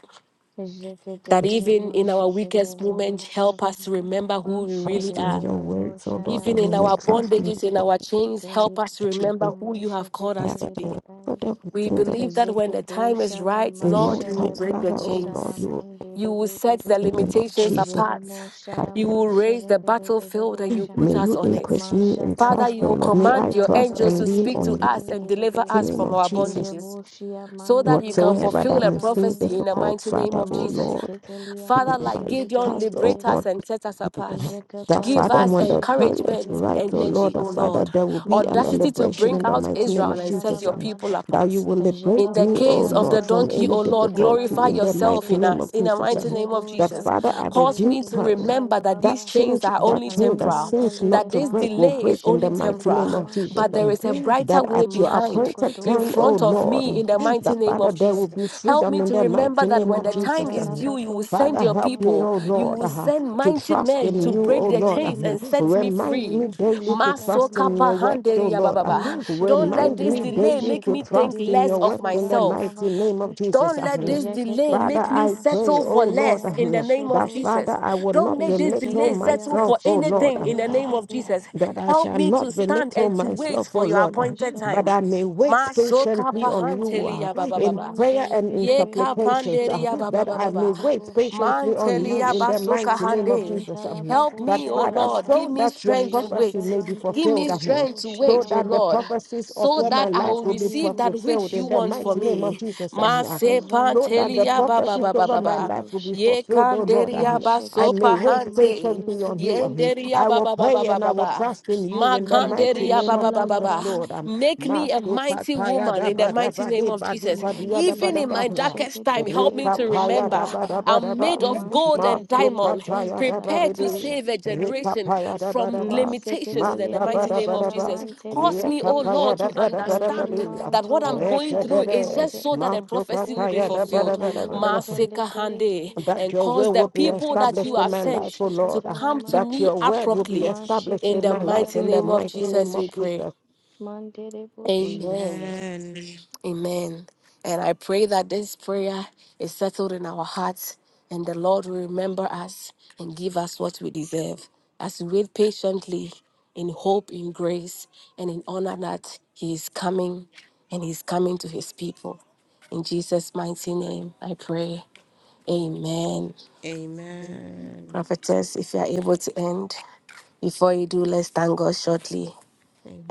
E: that even in our weakest
B: Jeketeliyamashekelebu
E: moments, help us to
B: Shadada
E: remember who we really
D: Trust in
E: are.
D: your
B: Mashedebelebu
D: words, oh Lord,
E: Even
D: that we
E: in
D: may
E: our
B: Shadabadaba
D: trust in you.
E: bondages, in our chains, help us to remember
D: Jesus,
E: who you have called us
D: Father,
E: to
D: that
B: Deliyamashekelebu
E: be.
D: whatever that we
E: We
D: do, that
E: believe that when the
B: Zikitu
E: time is right,
B: Shalama
D: in no
E: Lord, you will
D: time,
E: break the
D: Father,
B: Shelebebu
D: oh Lord,
E: chains.
D: you will
E: You will set the
B: Salamandiribiribi
D: bring in of
E: limitations
D: Jesus.
E: apart.
B: Jeremo
D: I
E: You
D: pray.
B: Shalama
E: will raise the battlefield
B: Shelebelebelebu
E: and you
B: Sha
E: put
D: May
E: us
D: you
E: on it.
D: increase me in
E: Father,
D: trust,
E: you
D: oh
E: will
D: Lord.
B: Mashatalabaru
D: May I
E: command your
D: trust
E: angels
B: Shalabarabu
D: and
E: to
D: lean
E: speak
D: on
B: Shia
E: to
D: you.
E: us and
D: In
E: deliver
B: Mandiribi
D: the
E: us
D: kingdom
E: from
D: of
E: our
D: Jesus.
B: Jebu
E: bondages
B: Shia
E: so that you can
B: Mandiribu
D: Whatsoever
E: fulfill
D: that
E: a
D: may seem
E: prophecy
B: Shatalamande
E: in the
D: difficult,
E: mighty name
D: Father,
E: of
D: O
E: Jesus.
D: Lord,
B: Mashiketelia,
E: Father,
D: may
E: like
D: my
E: Gideon,
B: mashiketele,
D: trust, O
E: liberate
D: Lord.
B: bedebe,
E: us and set us apart.
D: That
B: jeketala,
E: Give
D: Father,
E: us
D: when the time is
E: encouragement,
B: mashiketelia,
D: right, oh Lord,
E: energy, O
D: that
B: mashikete,
D: Father,
E: Lord,
D: there will be an
E: audacity to
D: liberation
E: bring
D: in the
E: out
B: mashiketelia,
D: mighty name
B: babo,
E: Israel
D: of
E: and set
D: Jesus.
E: your
D: And
E: people
B: shalababada,
D: that
E: apart.
D: you will liberate
E: In the
D: me,
B: jelabo,
D: oh
E: case of the
D: Lord, from
E: donkey,
B: shalabadebe,
D: any
E: O Lord,
D: difficulty
B: shikatala,
E: glorify
D: in the
E: yourself
D: mighty
E: in
D: name
B: mandedebe,
E: us.
D: of
E: In the
D: Jesus.
E: mighty
D: And
E: name of
B: jebo,
D: that
E: Jesus,
D: Father, at the
E: cause
D: due
E: me to
B: shalamandedebo,
D: time,
E: remember that
D: that
E: these
B: shalababa,
E: chains
D: change,
E: are
D: that
E: only
D: change that
E: temporal,
D: seems
B: alimentali,
D: not
E: that
D: to
E: this
D: break
B: debaya,
D: will
E: delay is
D: break in
E: only
D: the mighty
E: temporal,
B: mashiketelia,
D: name of Jesus.
E: but there there
D: And
E: is a
B: mashikete,
E: brighter
D: that
E: way
D: at your
E: behind,
D: appointed
E: in
D: time,
B: mashikotolos,
D: oh
E: front of me,
D: Lord,
E: in the
B: kalamandedebe,
E: mighty
D: that
E: name of
D: Father, there
B: debosha,
D: will
E: Jesus.
D: be
E: Help
D: freedom
E: me
D: in
E: to
D: the
E: remember
D: mighty
E: that
D: name
E: when
D: of
E: the
D: Jesus.
E: time is
D: And
E: due, you
B: masadabado,
E: will send
D: Father,
E: your
D: help me,
E: people,
D: oh
E: you
D: Lord
E: will
B: shalamandabate,
E: send
D: to
E: mighty
D: trust
E: men to
D: in you,
E: break
D: O
E: the
D: Lord. Uh,
B: Jeketelia
E: chains and set me
D: Remind
B: maseketelire
E: free.
D: me daily to
E: Maso
D: trust in your
E: kapa
B: boshatalamante.
D: works, O
E: handeri ya ba
D: Lord.
E: ba
D: Uh,
E: ba. Don't let
D: Remind
E: this
D: me
B: Masheketelia
E: delay
D: daily
E: make
D: to
E: me think
D: trust
B: masheketelire
D: in
E: less
D: your
E: of
D: works in the
B: besotala
E: myself.
D: mighty name
B: bababate.
D: of Jesus.
E: Don't
D: Uh,
E: let this delay
D: Father,
E: make
B: Jeketelia
E: me
D: I pray,
E: settle
D: O
E: for
D: Lord,
E: less
D: uh,
B: masheketelia
E: in the name of
D: that
B: mashotosa.
E: Jesus.
D: Father, I will
E: Don't
D: not
E: make this
D: belittle
E: delay
B: Jeketelia
E: settle for
D: myself, O Lord
E: anything in the name
B: masheketelire
E: of
B: be.
E: Jesus.
D: that I
E: Help
D: shall
E: me to
D: not
E: stand
D: belittle
E: and to wait
D: myself, O
E: for your
D: Lord, ah,
E: appointed
D: but
E: time.
D: I may
E: Ma
D: wait
E: Masoka
D: patiently on
B: Mashatala
D: you
E: pahanteli
D: ah,
E: ya ba ba ba
D: in
E: ba.
D: prayer
B: Mantele
D: and in
B: bere
E: Ye
B: bere
D: supplications,
B: boşia
E: kapanderi
D: ah,
E: ya ba ba
D: that
E: ba
D: I
B: mandere
E: ba
D: may
E: ba.
B: bere
D: wait
B: boşa.
D: patiently on you
E: Mantelia
D: in the
E: basoka
D: mighty
B: Maşeketelia
D: name of
E: hande.
D: Jesus.
B: mantala
D: um,
E: Help
D: That,
E: me,
B: baboşa
E: O
B: la
D: Father,
E: Lord.
B: baba.
E: Give
D: so
E: me
D: that your
E: strength to
D: prophecy
E: wait.
B: Jabada
D: may be
E: Give
B: bandere
E: me
D: fulfilled ah,
B: bere
D: here.
E: strength to
B: boşa
D: So
E: wait,
B: la
E: O
D: that the
E: Lord,
B: mante.
D: prophecies of
E: so
D: all my
E: that I
D: life
E: will
D: will be
B: Zeketelia
E: receive that which
D: fulfilled
E: you
D: in the
E: want for
B: maseketelia
D: mighty
B: ma.
D: name of
E: me.
D: Jesus. um, ah,
E: Mase
D: So that the
B: Zentelia
E: pantelia ba ba
D: prophecies
E: ba ba
D: over
E: ba
D: my
B: maşeketeli
E: ba.
D: life will be
B: boşa.
E: Ye
D: fulfilled, O Lord.
E: kanderia
D: um, I may
E: basopa
B: Maşeketelia
D: wait
E: hante.
B: mantele
D: patiently on
B: bere
D: you. ah,
B: bere.
E: Yenderia
D: I
E: ba
D: will
E: ba ba ba
D: pray
E: ba
D: and I
E: ba
D: will
E: ba.
D: trust in you
E: Ma
D: in the mighty
B: Zato
E: kanderia ba
D: name
E: ba
D: of
E: ba
B: şala
E: ba
D: Jesus,
E: ba.
B: baba
D: Lord. Um, Maso
E: Make me a mighty woman
D: papaya
E: and
D: da
E: in the
D: ba da
E: mighty
D: ba
E: name
D: de
E: of
D: ba di
E: Jesus,
D: kwa dia da ba
E: even
D: da
B: Mantelia
E: in
D: ba
E: my
D: ha.
E: darkest time,
B: masheketele
D: Re
E: help me to
B: bebo
D: papaya
E: remember
D: da ba
B: shalababa.
D: da ba da
E: I'm
D: ba.
E: made of gold and
D: Maso
B: Maseketeli de
E: diamond,
D: kataya da
B: bentala
D: ba de
E: prepared to
B: babusha.
D: de.
E: save a
D: Re
E: generation
D: papaya da ba
E: from
D: da ba.
E: limitations in
B: Maseketeli
E: the
D: Masa ba
E: mighty
B: de
D: da
E: name
D: ba da
E: of
D: ba.
E: Jesus.
B: shalamante de
E: Cause
D: Re
E: me, oh
D: papaya
E: Lord,
B: bedesha.
D: da
E: to
D: ba da ba da ba
E: understand
D: de.
B: Lima
E: that what I'm
B: tolo
D: Re
E: going
D: ke de
E: through is
D: de.
B: shalamante.
E: just so that a
D: Maso
E: prophecy will be
D: papaya
B: Eko
D: da ba da
E: fulfilled.
D: ba da ba da ba
B: salamante le
E: Masika
B: de.
E: Hande,
D: that
E: and
D: your
E: cause
D: will
E: the
D: will be
E: people that
D: established
E: you
B: Limante
D: in
B: de
E: have
D: my life,
E: sent
D: O
B: boshika
E: to
D: Lord, uh,
E: come to
B: talamante.
D: that
E: me
D: your word will be
E: abruptly.
D: established
E: In
D: in
E: the
D: my life
B: Masheketelia
E: mighty
D: in the
E: name of
B: mante de
D: mighty name
E: Jesus,
D: of
E: we
B: bosh.
E: pray.
D: Jesus.
B: Mante de bosh.
E: Amen.
D: Amen.
E: Amen. And I pray that this prayer is settled in our hearts and the Lord will remember us and give us what we deserve as we wait patiently in hope, in grace, and in honor that He is coming and He's coming to His people. In Jesus' mighty name, I pray. Amen.
D: Amen.
E: Prophetess, if you are able to end, before you do, let's thank God shortly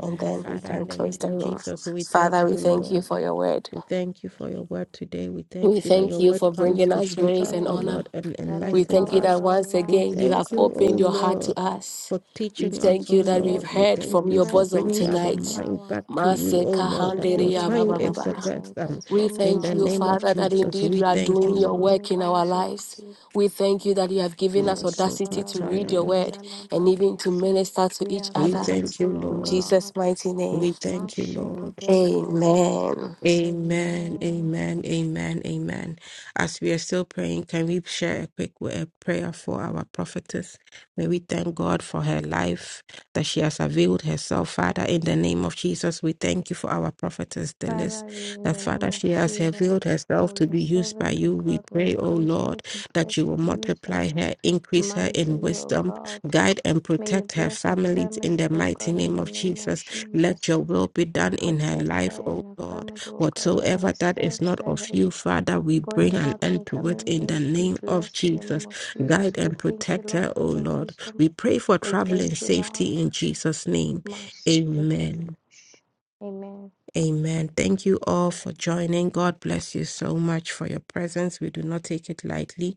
E: and then we
D: Father,
E: can
D: in the name
E: close the
D: of
E: room.
D: Jesus, we thank
E: Father, we
D: you,
E: thank you
D: Lord.
E: for your word.
D: We thank you for your word today. We
E: We
D: thank you that
E: thank
D: your
E: you
D: word
E: for
B: Without
D: comes
E: bringing
D: to
E: us
D: shape
E: grace
D: us,
E: and
B: word
D: O
E: honor.
D: Lord, and
B: that
E: We
D: enlighten
E: thank you
B: empowers
D: us.
E: that
B: our
E: once
D: We
E: again
B: lives,
E: you
B: oh
E: have
D: thank
B: God,
D: you, O
B: we
E: opened your heart
B: thank you.
D: Lord,
E: to us.
D: for
E: We
D: teaching us,
E: thank
D: O
E: you that we've
D: Lord. We
E: heard
B: everything,
D: thank
B: your
E: from
D: you
E: your
D: for
E: bosom
D: bringing
B: presence,
D: our
B: your
E: tonight.
D: mind
B: power
D: back to you, O
B: for
D: Lord, that your
E: Masekahanderia
B: moving
D: time
E: baba
D: is the
E: baba.
B: mightily
D: best.
B: and
D: Um,
E: We
B: transforming
D: in
E: thank
D: the
B: our
E: you,
D: name of
B: minds,
E: Father, that
D: Jesus,
E: indeed
D: we
E: you are
D: thank you,
E: doing your
D: Lord.
B: transforming
E: work in our
B: lives, O
E: lives.
B: God.
E: We thank you that you have given us audacity to read
B: Shekatelabado
E: your
D: Masokatayada.
E: word and even
B: salabaya.
E: to minister to
B: We
E: each
B: are
D: We
E: other.
D: thank you,
B: grateful, O
E: In
D: Lord.
E: Jesus'
B: God.
E: mighty name,
D: We thank you, Lord.
B: Masheketeledebos.
E: amen.
D: Amen,
B: Amen.
D: amen, amen, amen. As we are still praying, can we share a quick wo- a prayer for our prophetess? May we thank God for her life, that she has availed herself. Father, in the name of Jesus, we thank you for our prophetess, the list,
B: Father, we in
D: that
B: the
D: Father,
B: name of
D: she has
B: Jesus,
D: availed herself
B: for
D: to
B: your
D: be used by
B: servant, O
D: you. We
B: God, may
D: pray,
B: you
D: O
B: continue
D: Lord,
B: to
D: that you
B: bless
D: will
B: and use them
D: multiply her, increase her in
B: mightily, O
D: wisdom,
B: God.
D: guide and
B: May you
D: protect her
B: bless her
D: families in
B: family,
D: the
B: O God,
D: mighty
B: in
D: name
B: the
D: of
B: name of
D: Jesus. Let your
B: Jesus.
D: will be done in her
B: Protect
D: life,
B: her
D: O
B: and her
D: Lord.
B: family, O God. Order
D: Whatsoever
B: her
D: that is
B: steps.
D: not
B: Let
D: of
B: her
D: you, Father, we
B: going
D: bring an
B: out
D: end
B: and
D: to it
B: coming
D: in the
B: in be
D: name of
B: blessed in the name
D: Jesus.
B: of Jesus.
D: Guide
B: We
D: and
B: thank you,
D: protect
B: Lord,
D: her, O
B: for the
D: Lord.
B: wisdom.
D: We pray for
B: We
D: traveling
B: thank you, Lord.
D: safety in Jesus' name. Amen.
B: Masiketelebush. Amen.
D: Amen. Thank you all for joining. God bless you so much for your presence. We do not take it lightly.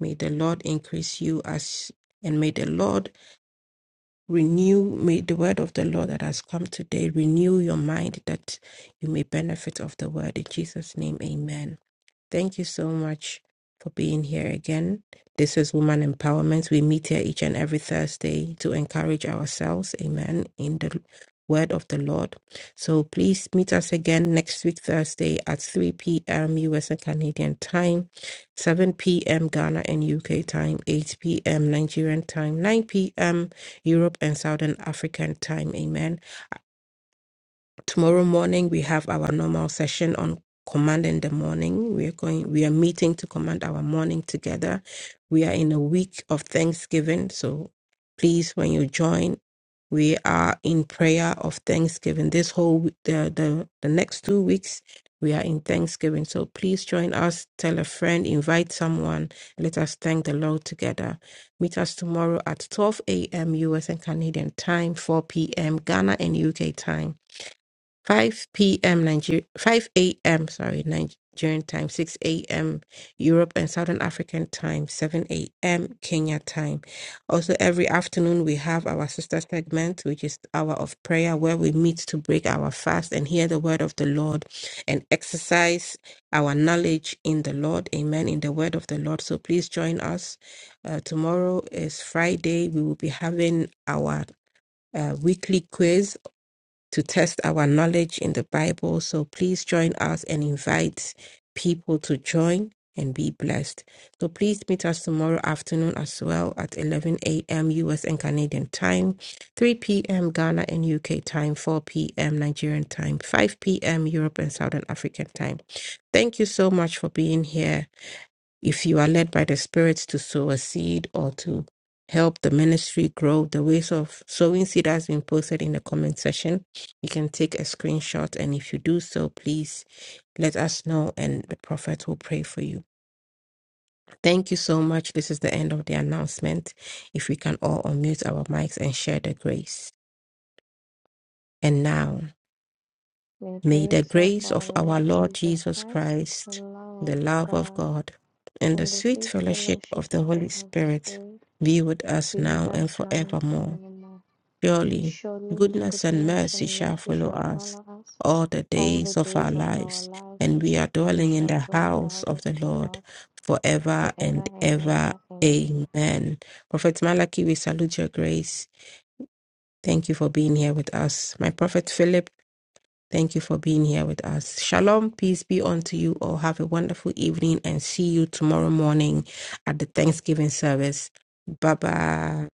D: May the Lord increase you as and may the Lord renew, may the word of the Lord that has come today renew your mind that you may benefit of the word. In Jesus' name, amen. Thank you so much for being here again. This is Woman Empowerment. We meet here each and every Thursday to encourage ourselves, amen, in the word of the Lord. So please meet us again next week, Thursday at 3 p.m. US and Canadian time, 7 p.m. Ghana and UK time, 8 p.m. Nigerian time, 9 p.m. Europe and Southern African time, amen. Tomorrow morning we have our normal session on command in the morning. We are going we are meeting to command our morning together. We are in a week of Thanksgiving, so please when you join we are in prayer of Thanksgiving. This whole w- the the, the next two weeks we are in Thanksgiving. So please join us, tell a friend, invite someone. Let us thank the Lord together. Meet us tomorrow at 12 a.m. US and Canadian time, 4 p.m. Ghana and UK time. 5 p.m. Nigeria, 5 a.m. Sorry, Nigerian time, 6 a.m. Europe and Southern African time, 7 a.m. Kenya time. Also, every afternoon we have our sister segment, which is hour of prayer, where we meet to break our fast and hear the word of the Lord and exercise our knowledge in the Lord. Amen. In the word of the Lord. So please join us. Uh, tomorrow is Friday. We will be having our uh, weekly quiz to test our knowledge in the Bible. So please join us and invite people to join and be blessed. So please meet us tomorrow afternoon as well at 11 a.m. US and Canadian time, 3 p.m. Ghana and UK time, 4 p.m. Nigerian time, 5 p.m. Europe and Southern African time. Thank you so much for being here. If you are led by the Spirit to sow a seed or to help the ministry grow, the ways of sowing seed has been posted in the comment section. You can take a screenshot, and if you do so, please let us know, and the prophet will pray for you. Thank you so much. This is the end of the announcement. If we can all unmute our mics and share the grace. And now.
B: May the
D: May the
B: grace of
D: grace
B: our
D: of our
B: Lord
D: Lord
B: Jesus
D: Jesus
B: Christ, the
D: Christ,
B: love
D: the
B: of
D: love of
B: God,
D: God, and the
B: and the
D: sweet
B: sweet
D: fellowship
B: fellowship
D: of
B: of
D: the
B: the
D: Holy
B: Holy
D: Spirit
B: Spirit
D: be with us
B: be with
D: now and
B: us now and
D: forevermore.
B: forevermore.
D: Surely,
B: Surely
D: goodness and
B: goodness
D: mercy
B: and
D: shall
B: mercy
D: follow
B: shall
D: us
B: follow us
D: all the
B: all the
D: days of our
B: days of our
D: lives,
B: lives,
D: and we are
B: and we
D: dwelling in
B: shall
D: the
B: dwell in the
D: house
B: house of
D: of the
B: the
D: Lord
B: Lord
D: forever
B: forever
D: and
B: and
D: ever.
B: ever. Amen.
D: Amen. Prophet Malachi, we salute your grace. Thank you for being here with us. My prophet Philip, Thank you for being here with us. Shalom, peace be unto you all. Have a wonderful evening and see you tomorrow morning at the Thanksgiving service. Bye bye.